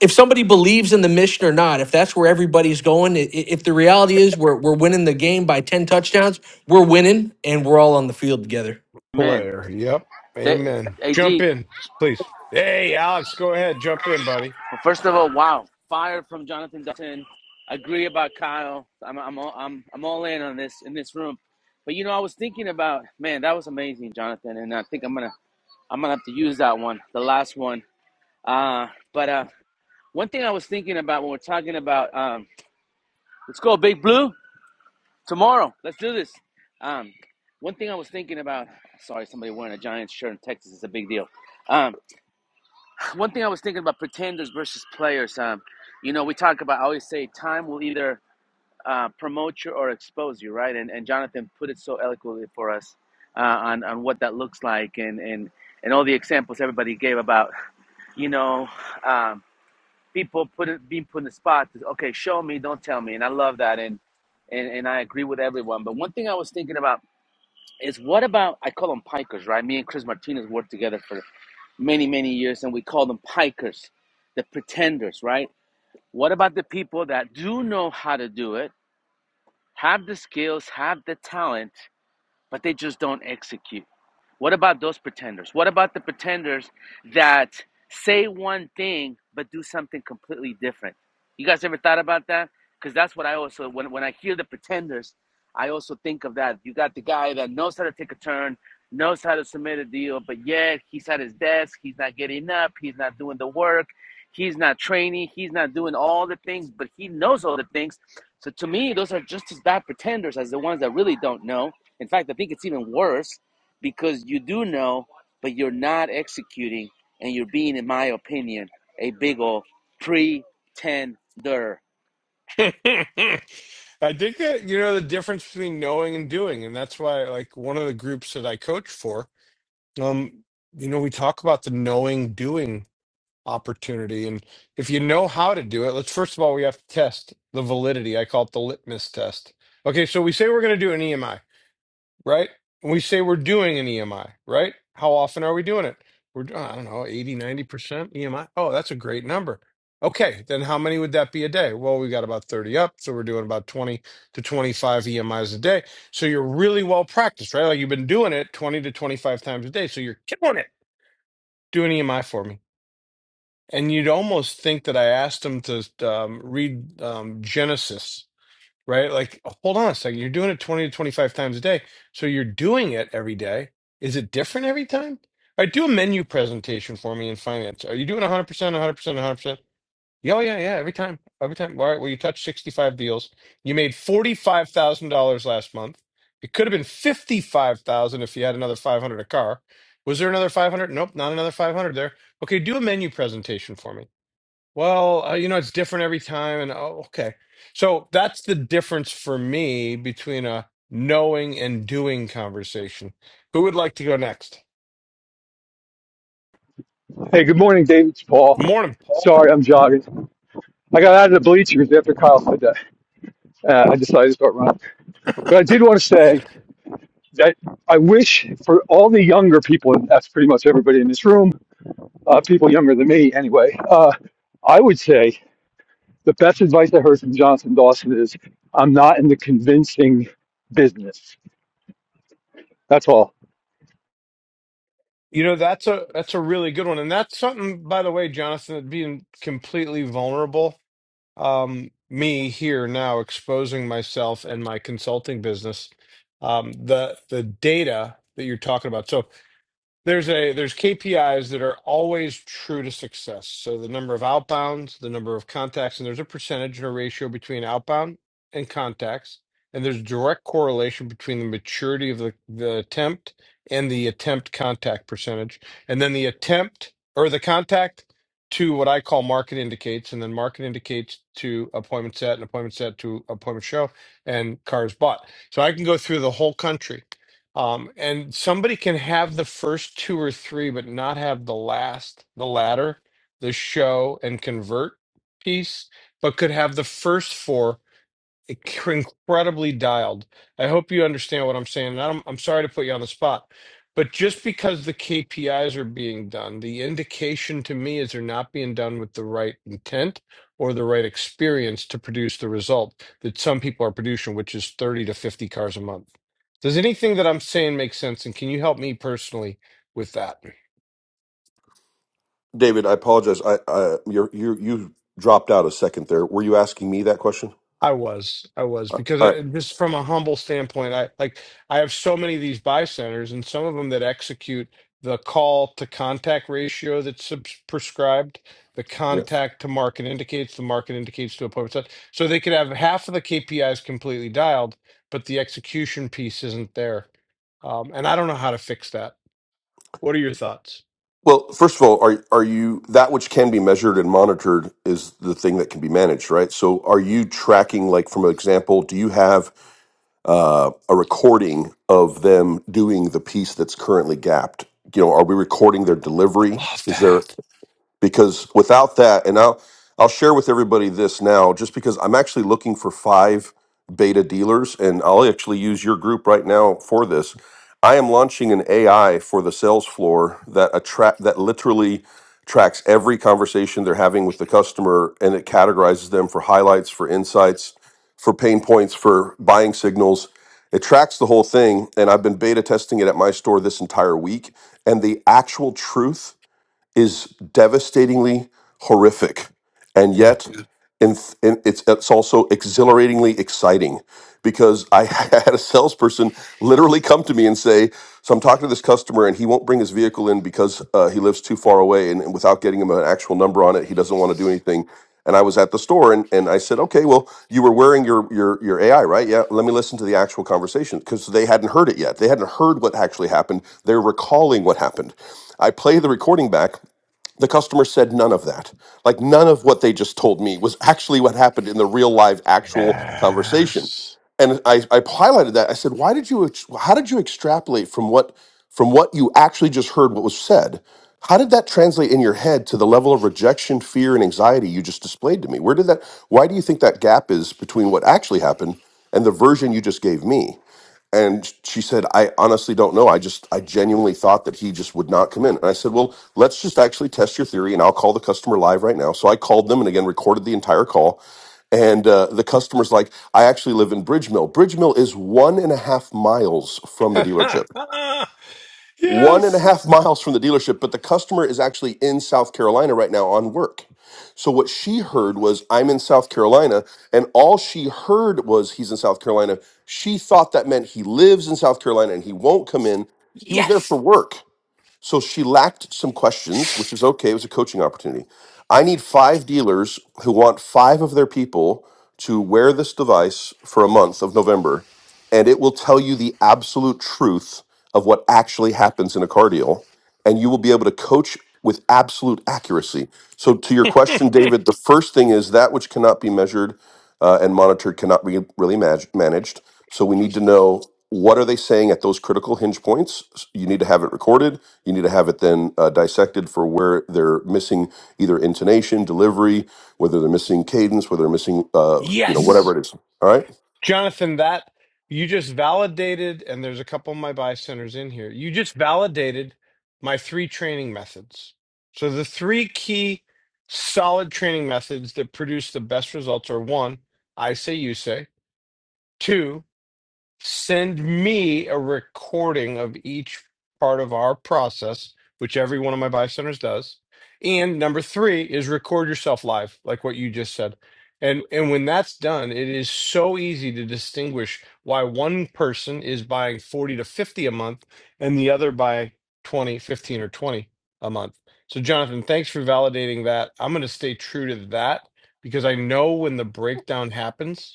D: if somebody believes in the mission or not, if that's where everybody's going, i- i- if the reality is we're we're winning the game by 10 touchdowns, we're winning and we're all on the field together.
M: man,
A: Blair. Yep.
M: they,
A: Amen.
M: AD.
A: Jump in, please. Hey, Alex, go ahead. Jump in, buddy.
M: First of all, wow, fire from Jonathan Dutton. Agree about Kyle. I'm I'm all, I'm I'm all in on this in this room. But you know, I was thinking about man, that was amazing, Jonathan, and I think I'm gonna I'm gonna have to use that one, the last one. Uh, but uh, one thing I was thinking about when we're talking about um, let's go Big Blue tomorrow. Let's do this. Um, one thing I was thinking about. Sorry, somebody wearing a Giants shirt in Texas is a big deal. Um. one thing I was thinking about pretenders versus players. Um, you know, we talk about. I always say time will either uh, promote you or expose you, right? And and Jonathan put it so eloquently for us uh, on on what that looks like, and and and all the examples everybody gave about, you know, um, people put it, being put in the spot. Okay, show me, don't tell me. And I love that, and and and I agree with everyone. But one thing I was thinking about is what about I call them pikers, right? Me and Chris Martinez worked together for many, many years, and we call them pikers, the pretenders, right? What about the people that do know how to do it, have the skills, have the talent, but they just don't execute? What about those pretenders? What about the pretenders that say one thing but do something completely different? You guys ever thought about that? Because that's what I also, when, when I hear the pretenders, I also think of that. You got the guy that knows how to take a turn, knows how to submit a deal, but yet he's at his desk, he's not getting up, he's not doing the work, he's not training, he's not doing all the things, but he knows all the things. So to me, those are just as bad pretenders as the ones that really don't know. In fact, I think it's even worse because you do know, but you're not executing, and you're being, in my opinion, a big ol' pretender.
A: (laughs) I think that you know the difference between knowing and doing, and that's why, like, one of the groups that I coach for, um, you know, we talk about the knowing doing opportunity, and if you know how to do it, let's first of all we have to test the validity. I call it the litmus test. Okay, so we say we're going to do an EMI. right? And we say we're doing an EMI, right? How often are we doing it? We're, I don't know, eighty, ninety percent EMI. Oh, that's a great number. Okay, then how many would that be a day? Well, we got about 30 up, so we're doing about 20 to 25 EMIs a day. So you're really well practiced, right? Like you've been doing it 20 to 25 times a day, so you're killing it. Do an EMI for me. And you'd almost think that I asked him to um, read um, Genesis right? Like, hold on a second. You're doing it 20 to 25 times a day. So you're doing it every day. Is it different every time? All right, do a menu presentation for me in finance. Are you doing 100%, 100%, 100%? Yeah, oh, yeah, yeah. Every time, every time. All right, well, you touched 65 deals. You made $45,000 last month. It could have been 55,000 if you had another 500 a car. Was there another 500? Nope, not another 500 there. Okay, do a menu presentation for me. Well, uh, you know, it's different every time. And oh, okay. So that's the difference for me between a knowing and doing conversation. Who would like to go next?
N: hey, good morning, David. It's Paul.
A: Morning, Paul.
N: Sorry, I'm jogging. I got out of the bleachers after Kyle said that. Uh, I decided to start running. But I did want to say that I wish for all the younger people, and that's pretty much everybody in this room, uh, people younger than me anyway, uh, I would say the best advice I heard from Johnson Dawson is I'm not in the convincing business. That's all.
A: You know, that's a that's a really good one. And that's something, by the way, Jonathan, that being completely vulnerable. Um, me here now exposing myself and my consulting business. Um, the the data that you're talking about. So There's a there's KPIs that are always true to success. So the number of outbounds, the number of contacts, and there's a percentage or ratio between outbound and contacts. And there's direct correlation between the maturity of the, the attempt and the attempt contact percentage. And then the attempt or the contact to what I call market indicates, and then market indicates to appointment set and appointment set to appointment show and cars bought. So I can go through the whole country um, and somebody can have the first two or three, but not have the last, the latter, the show and convert piece, but could have the first four incredibly dialed. I hope you understand what I'm saying. And I'm, I'm sorry to put you on the spot, but just because the KPIs are being done, the indication to me is they're not being done with the right intent or the right experience to produce the result that some people are producing, which is 30 to 50 cars a month. Does anything that I'm saying make sense? And can you help me personally with that?
H: David, I apologize. I, I you you you dropped out a second there. Were you asking me that question?
A: I was, I was,
H: Uh,
A: because
H: All right.
A: I, just from a humble standpoint, I like I have so many of these buy centers, and some of them that execute the call to contact ratio that's subs- prescribed. The
H: Yeah.
A: contact to market indicates, the market indicates to appointment. So so they could have half of the KPIs completely dialed, but the execution piece isn't there. Um, and I don't know how to fix that. What are your thoughts?
H: Well, first of all, are are you that which can be measured and monitored is the thing that can be managed, right? So, are you tracking? Like, from an example, do you have uh, a recording of them doing the piece that's currently gapped? You know, are we recording their
A: I
H: delivery?
A: love
H: Is there
A: that.
H: because without that and I'll I'll share with everybody this now just because I'm actually looking for 5 beta dealers and I'll actually use your group right now for this. I am launching an AI for the sales floor that attract that literally tracks every conversation they're having with the customer and it categorizes them for highlights, for insights, for pain points, for buying signals. It tracks the whole thing and I've been beta testing it at my store this entire week and the actual truth is devastatingly horrific, and
A: Yeah.
H: yet Yeah. in, in, it's it's also exhilaratingly exciting because I (laughs) had a salesperson literally come to me and say, "So I'm talking to this customer, and he won't bring his vehicle in because uh, he lives too far away, and, and without getting him an actual number on it, he doesn't want to do anything." And I was at the store, and, and I said, "Okay, well, you were wearing your your your AI, right? Yeah. Let me listen to the actual conversation because they hadn't heard it yet. They hadn't heard what actually happened. They're recalling what happened." I play the recording back the customer said none of that. Like none of what they just told me was actually what happened in the real live actual conversation.
A: Yes.
H: And I, I highlighted that. I said, why did you ex- how did you extrapolate from what from what you actually just heard what was said? How did that translate in your head to the level of rejection, fear, and anxiety you just displayed to me? Where did that why do you think that gap is between what actually happened and the version you just gave me? And she said, I honestly don't know. I just, I genuinely thought that he just would not come in. And I said, Well, let's just actually test your theory and I'll call the customer live right now. So I called them and again recorded the entire call. And uh, the customer's like, I actually live in Bridge Mill. Bridge Mill is one and a half miles from the dealership
A: (laughs)
H: one and a
A: yes.
H: half miles from the dealership, but the customer is actually in South Carolina right now on work. So what she heard was, I'm in South Carolina. And all she heard was, he's in South Carolina. She thought that meant he lives in South Carolina and he won't come in. He was there for work. So she lacked some questions, which is okay. It was a coaching opportunity. I need five dealers who want five of their people to wear this device for a month of November, and it will tell you the absolute truth of what actually happens in a car deal, and you will be able to coach with absolute accuracy. So, to your question, David, the first thing is that which cannot be measured uh, and monitored cannot be really mag- managed. So, we need to know what are they saying at those critical hinge points. You need to have it recorded you need to have it then uh, dissected for where they're missing either intonation, delivery, whether they're missing cadence, whether they're missing, uh, you know,
A: Yes.
H: whatever it is. All right.
A: Jonathan, that you just validated, and there's a couple of my buy centers in here. You just validated my three training methods. So the three key solid training methods that produce the best results are one, I say you say, Two send me a recording of each part of our process, which every one of my buy centers does. And number three is record yourself live, like what you just said. And and when that's done, it is so easy to distinguish why one person is buying 40 to 50 a month and the other buy 20, 15, or 20 a month. So Jonathan, thanks for validating that. I'm going to stay true to that because I know when the breakdown happens,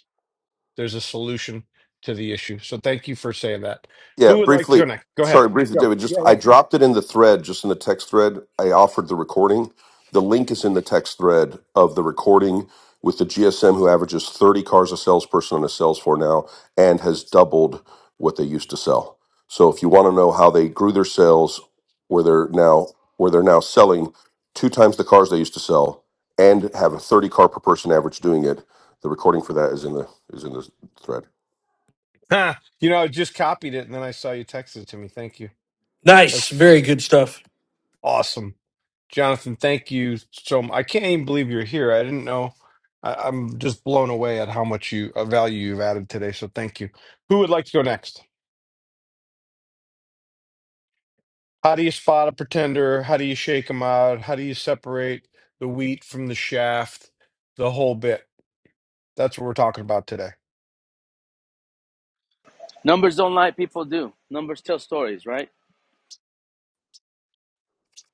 A: there's a solution to the issue. So thank you for saying that.
H: Yeah,
A: Who would like to go
H: briefly.
A: next? Go ahead.
H: Sorry, briefly,
A: Yeah,
H: David. Just
A: yeah,
H: I
A: yeah.
H: dropped it in the thread, just in the text thread. I offered the recording. The link is in the text thread of the recording with the GSM who averages 30 cars a salesperson and a sales for now and has doubled what they used to sell. So if you want to know how they grew their sales, where they're now where they're now selling two times the cars they used to sell and have a 30 car per person average doing it, the recording for that is in the is in the thread.
A: Ha! You know, I just copied it and then I saw you text it to me. Thank you. That's
D: Nice,
A: f-
D: very good stuff.
A: awesome, Jonathan. Thank you so. I I can't even believe you're here. I didn't know. I, I'm just blown away at how much you uh, value you've added today. So thank you. Who would like to go next? How do you spot a pretender? How do you shake them out? How do you separate the wheat from the shaft? The whole bit. That's what we're talking about today.
M: Numbers don't lie, people do. Numbers tell stories, right? (laughs)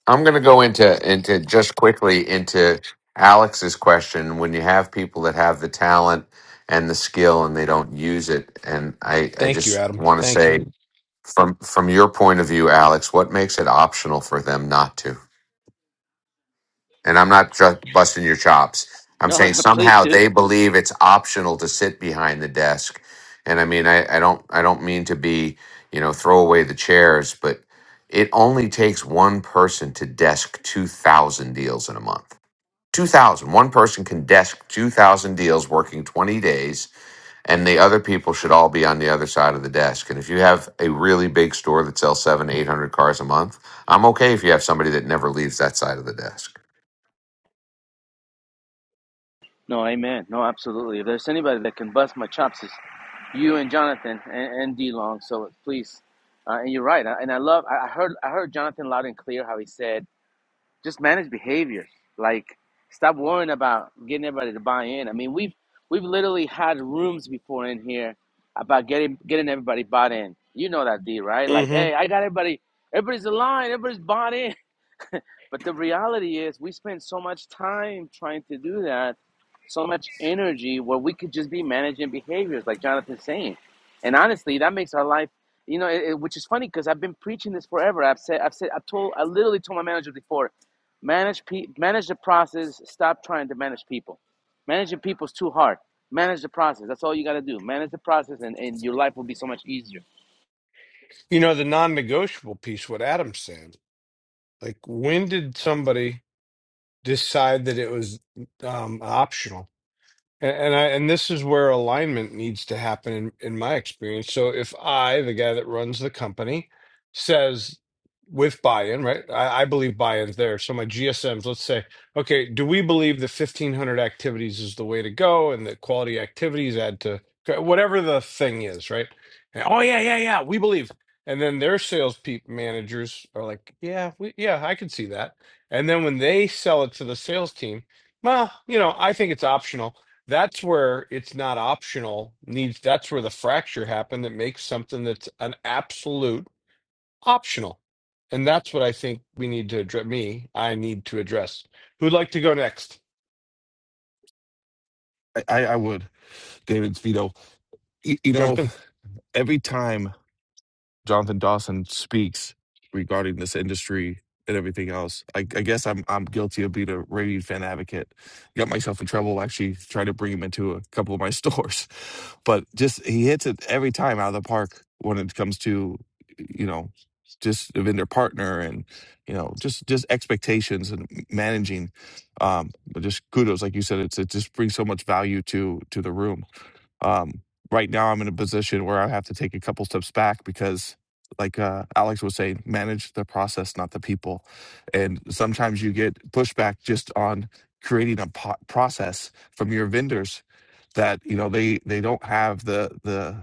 F: I'm going to go into into just quickly into Alex's question. When you have people that have the talent and the skill and they don't use it, and I I
A: Thank you,
F: just
A: Adam.
F: want to
A: Thank you.
F: say from from your point of view, Alex, what makes it optional for them not to? And I'm not just busting your chops. I'm
M: No,
F: saying
M: no, please
F: somehow
M: do.
F: they believe it's optional to sit behind the desk. And I mean, I, I don't, I don't mean to be, you know, throw away the chairs, but it only takes one person to desk 2000 deals in a month. 2000. One person can desk 2000 deals working 20 days and the other people should all be on the other side of the desk. And if you have a really big store that sells seven, 800 cars a month, I'm okay if you have somebody that never leaves that side of the desk.
M: No, amen. No, absolutely. If there's anybody that can bust my chops, it's you and Jonathan and, and D Long. So please, uh, and you're right. And I love. I heard. I heard Jonathan loud and clear how he said Just manage behavior. Like stop worrying about getting everybody to buy in. I mean, we've we've literally had rooms before in here about getting getting everybody bought in. You know that D, right? Like,
A: hmm
M: hey, I got everybody. Everybody's aligned. Everybody's bought in. (laughs) But the reality is, we spend so much time trying to do that, so much energy, where we could just be managing behaviors, like Jonathan's saying. And honestly, that makes our life, you know, it, it- which is funny because I've been preaching this forever. I've said, I've said, i told, I literally told my manager before, manage, pe- manage the process. Stop trying to manage people. Managing people is too hard. Manage the process. That's all you got to do. Manage the process, and, and your life will be so much easier.
A: You know, the non negotiable piece, what Adam said, like, when did somebody decide that it was um, optional? And, and I and this is where alignment needs to happen in, in my experience. So if I, the guy that runs the company, says with buy-in, right? I, I believe buy-in's there. So my GSMs, let's say, okay, do we believe the fifteen hundred activities is the way to go, and that quality activities add to whatever the thing is, right? And, oh yeah, yeah, yeah, we believe. And then their sales peep managers are like, yeah, we, yeah, I can see that. And then when they sell it to the sales team, well, you know, I think it's optional that's where it's not optional needs that's where the fracture happened that makes something that's an absolute optional and that's what i think we need to address me i need to address who'd like to go next
O: I, I would. David's veto. You, you
A: jump
O: know,
A: in
O: every time Jonathan Dawson speaks regarding this industry and everything else. I, I guess I'm I'm guilty of being a raving fan advocate. Got myself in trouble actually trying to bring him into a couple of my (laughs) stores, but just he hits it every time out of the park when it comes to you know just the vendor partner and you know just just expectations and managing. Um, but just kudos, like you said, it's it just brings so much value to to the room um, right now I'm in a position where I have to take a couple steps back because like uh, Alex was saying, manage the process, not the people. And sometimes you get pushback just on creating a po- process from your vendors that you know they they don't have the the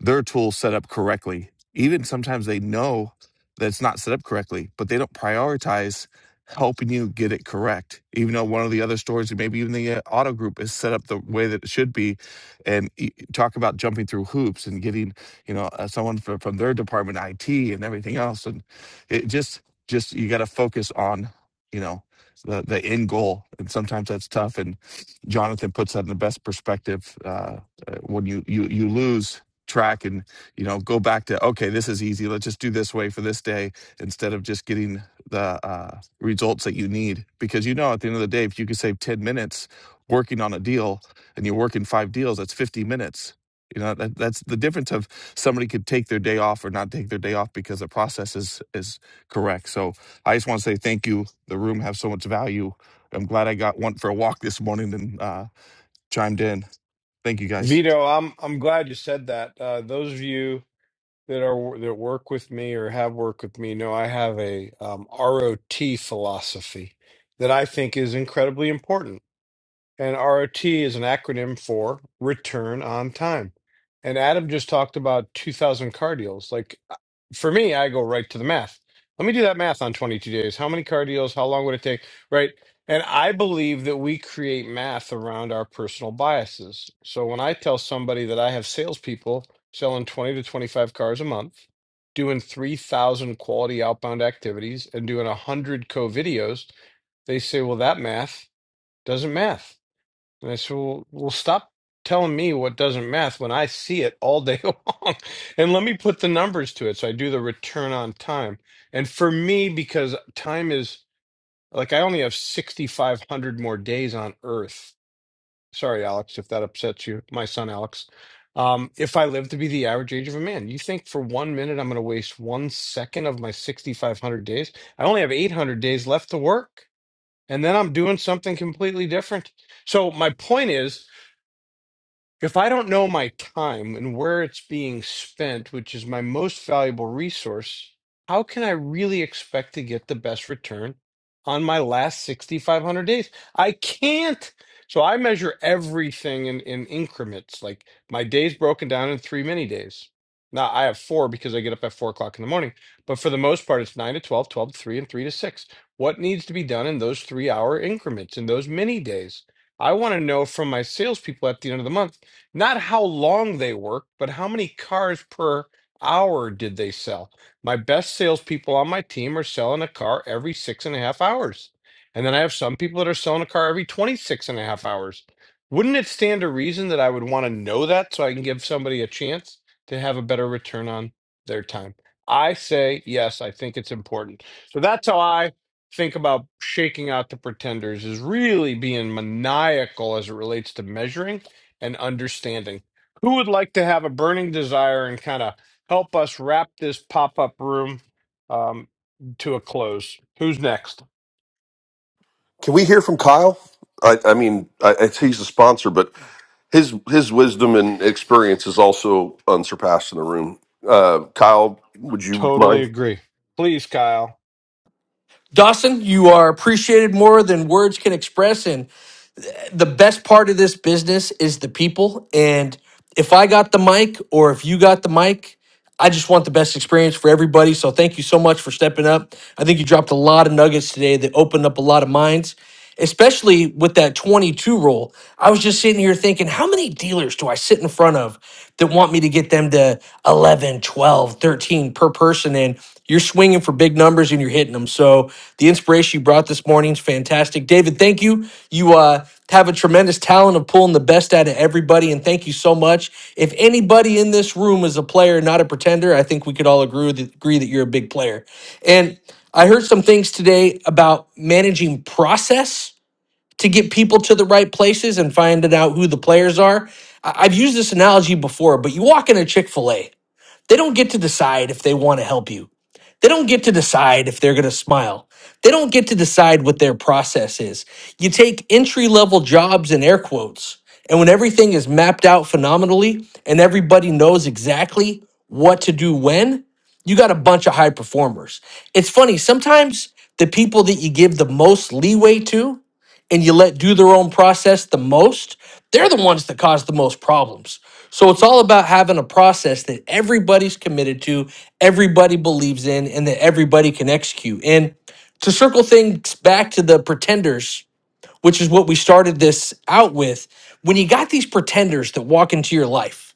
O: their tool set up correctly. Even sometimes they know that it's not set up correctly, but they don't prioritize helping you get it correct. Even though one of the other stores, or maybe even the uh, auto group, is set up the way that it should be, and y- talk about jumping through hoops and getting you know uh, someone from, from their department, IT, and everything else, and it just just you got to focus on you know the the end goal, and sometimes that's tough. And Jonathan puts that in the best perspective uh, uh, when you you you lose track and you know go back to okay this is easy let's just do this way for this day instead of just getting the uh, results that you need because you know at the end of the day if you can save 10 minutes working on a deal and you're working five deals that's 50 minutes you know that, that's the difference of somebody could take their day off or not take their day off because the process is is correct so i just want to say thank you the room has so much value i'm glad i got one for a walk this morning and uh chimed in thank you guys
A: vito i'm i'm glad you said that uh those of you that are that work with me or have worked with me know i have a um, rot philosophy that i think is incredibly important And ROT is an acronym for return on time. And Adam just talked about 2,000 car deals. Like uh, for me, I go right to the math. Let me do that math on 22 days. How many car deals? How long would it take? Right. And I believe that we create math around our personal biases. So when I tell somebody that I have salespeople selling 20 to 25 cars a month, doing 3,000 quality outbound activities, and doing 100 co videos, they say, well, that math doesn't math. And I said, well, well, stop telling me what doesn't math when I see it all day (laughs) long. And let me put the numbers to it. So I do the return on time. And for me, because time is like I only have 6,500 more days on Earth. Sorry, Alex, if that upsets you, my son, Alex. Um, if I live to be the average age of a man, you think for one minute I'm going to waste one second of my 6,500 days? I only have 800 days left to work. And then I'm doing something completely different. So my point is, if I don't know my time and where it's being spent, which is my most valuable resource, how can I really expect to get the best return on my last 6,500 days? I can't. So I measure everything in, in increments, like my days broken down in three mini days. Now I have four because I get up at four o'clock in the morning, but for the most part, it's nine to 12, 12 to three, and three to six. What needs to be done in those three hour increments, in those mini days? I want to know from my salespeople at the end of the month not how long they worked, but how many cars per hour did they sell. My best salespeople on my team are selling a car every six and a half hours. And then I have some people that are selling a car every 26 and a half hours. Wouldn't it stand to reason that I would want to know that so I can give somebody a chance to have a better return on their time? I say yes, I think it's important. So that's how I think about shaking out the pretenders is really being maniacal as it relates to measuring and understanding. Who would like to have a burning desire and kind of help us wrap this pop up room um, to a close? Who's next?
H: Can we hear from Kyle? I, I mean, I, I, he's a sponsor, but his his wisdom and experience is also unsurpassed in the room. Uh, Kyle, would you
A: Totally
H: mind?
A: agree. Please, Kyle.
D: Dawson, you are appreciated more than words can express and the best part of this business is the people. And if I got the mic or if you got the mic, I just want the best experience for everybody. So thank you so much for stepping up. I think you dropped a lot of nuggets today that opened up a lot of minds, especially with that 22 roll. I was just sitting here thinking, how many dealers do I sit in front of that want me to get them to 11, 12, 13 per person? And you're swinging for big numbers and you're you're hitting them. So the inspiration you brought this morning is fantastic. David, thank you. You uh, have a tremendous talent of pulling the best out of everybody, and thank you so much. If anybody in this room is a player, not a pretender, I think we could all agree with- agree that you're a big player. And I heard some things today about managing process to get people to the right places and finding out who the players are. I- I've used this analogy before, but you walk in a Chick fil A, they don't get to decide if they want to help you. They don't get to decide if they're going to smile. They don't get to decide what their process is. You take entry level jobs in air quotes, and when everything is mapped out phenomenally and everybody knows exactly what to do when, you got a bunch of high performers. It's funny, sometimes the people that you give the most leeway to and you let do their own process the most, they're the ones that cause the most problems. So it's all about having a process that everybody's committed to, everybody believes in, and that everybody can execute. And to circle things back to the pretenders, which is what we started this out with, when you got these pretenders that walk into your life,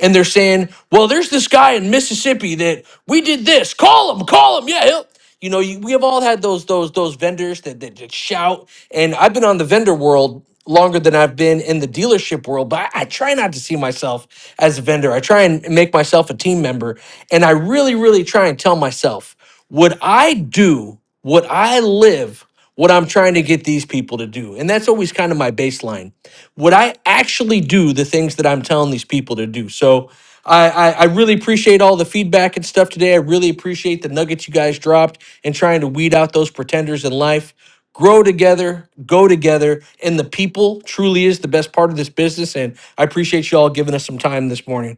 D: and they're saying, well, there's this guy in Mississippi that we did this. Call him, call him. Yeah, he'll. You know, you, we have all had those those those vendors that, that that shout. And I've been on the vendor world longer than I've been in the dealership world, but I, I try not to see myself as a vendor. I try and make myself a team member, and I really, really try and tell myself, would I do? Would I live? what I'm trying to get these people to do. And that's always kind of my baseline. Would I actually do the things that I'm telling these people to do? So I, I, I really appreciate all the feedback and stuff today. I really appreciate the nuggets you guys dropped and trying to weed out those pretenders in life. Grow together, go together, and the people truly is the best part of this business. And I appreciate you all giving us some time this morning.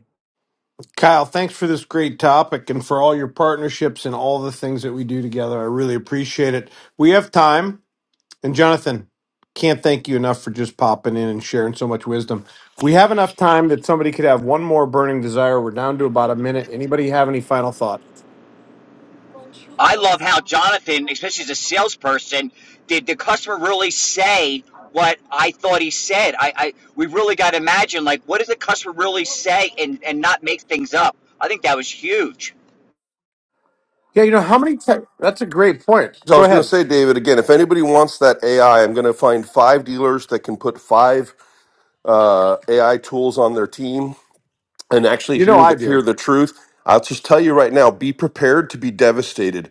A: Kyle, thanks for this great topic and for all your partnerships and all the things that we do together. I really appreciate it. We have time, and Jonathan, can't thank you enough for just popping in and sharing so much wisdom. We have enough time that somebody could have one more burning desire. We're down to about a minute. Anybody have any final thoughts?
P: I love how Jonathan, especially as a salesperson, did the customer really say what I thought he said? I, I we really got to imagine like what does the customer really say and and not make things up. I think that was huge.
A: Yeah, you know how many times? That's a great point.
H: So I
A: Go
H: was going to
A: ahead.
H: say, David, again, if anybody wants that AI, I'm going to find five dealers that can put five uh, AI tools on their team and actually
A: You know
H: hear
A: I
H: the,
A: do.
H: hear
A: (laughs)
H: the truth. I'll just tell you right now: be prepared to be devastated.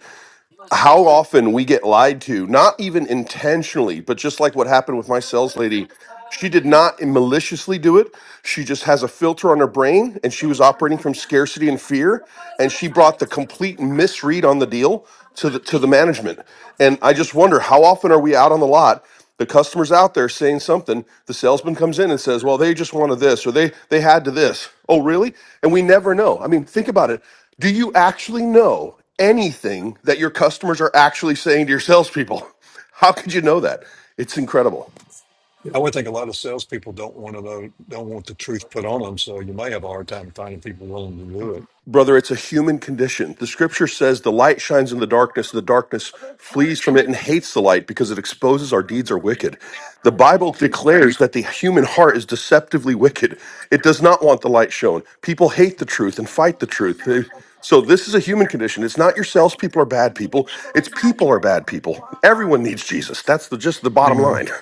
H: how often we get lied to, not even intentionally, but just like what happened with my sales lady. She did not maliciously do it. She just has a filter on her brain and she was operating from scarcity and fear. And she brought the complete misread on the deal to the to the management. And I just wonder how often are we out on the lot? The customer's out there saying something. The salesman comes in and says, Well, they just wanted this or they they had to this. Oh, really? And we never know. I mean, think about it. Do you actually know anything that your customers are actually saying to your salespeople? (laughs) How could you know that? It's incredible.
J: I would think a lot of salespeople don't want to know, don't want the truth put on them. So you may have a hard time finding people willing to do it.
H: Brother, it's a human condition. The scripture says the light shines in the darkness, the darkness flees from it and hates the light because it exposes our deeds are wicked. The Bible declares that the human heart is deceptively wicked. It does not want the light shown. People hate the truth and fight the truth. They- So this is a human condition. It's not your salespeople are bad people. It's people are bad people. Everyone needs Jesus. That's the just the
J: I
H: bottom
J: know.
H: line.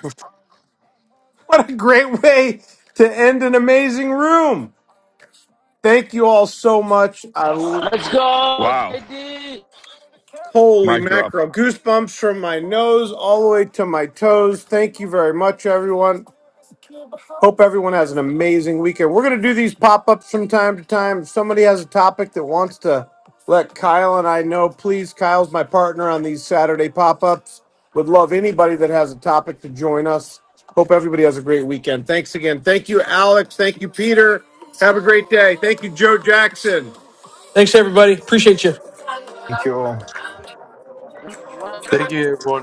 A: What a great way to end an amazing room. Thank you all so much. I
M: Let's go,
O: wow
M: JD.
A: holy
O: mic drop
A: mackerel, goosebumps from my nose all the way to my toes. Thank you very much, everyone. Hope everyone has an amazing weekend. We're going to do these pop ups from time to time. If somebody has a topic that wants to let Kyle and I know, please. Kyle's my partner on these Saturday pop ups. Would love anybody that has a topic to join us. Hope everybody has a great weekend. Thanks again. Thank you, Alex. Thank you, Peter. Have a great day. Thank you, Joe Jackson.
D: Thanks, everybody. Appreciate you.
Q: Thank you all.
C: Thank you, everyone.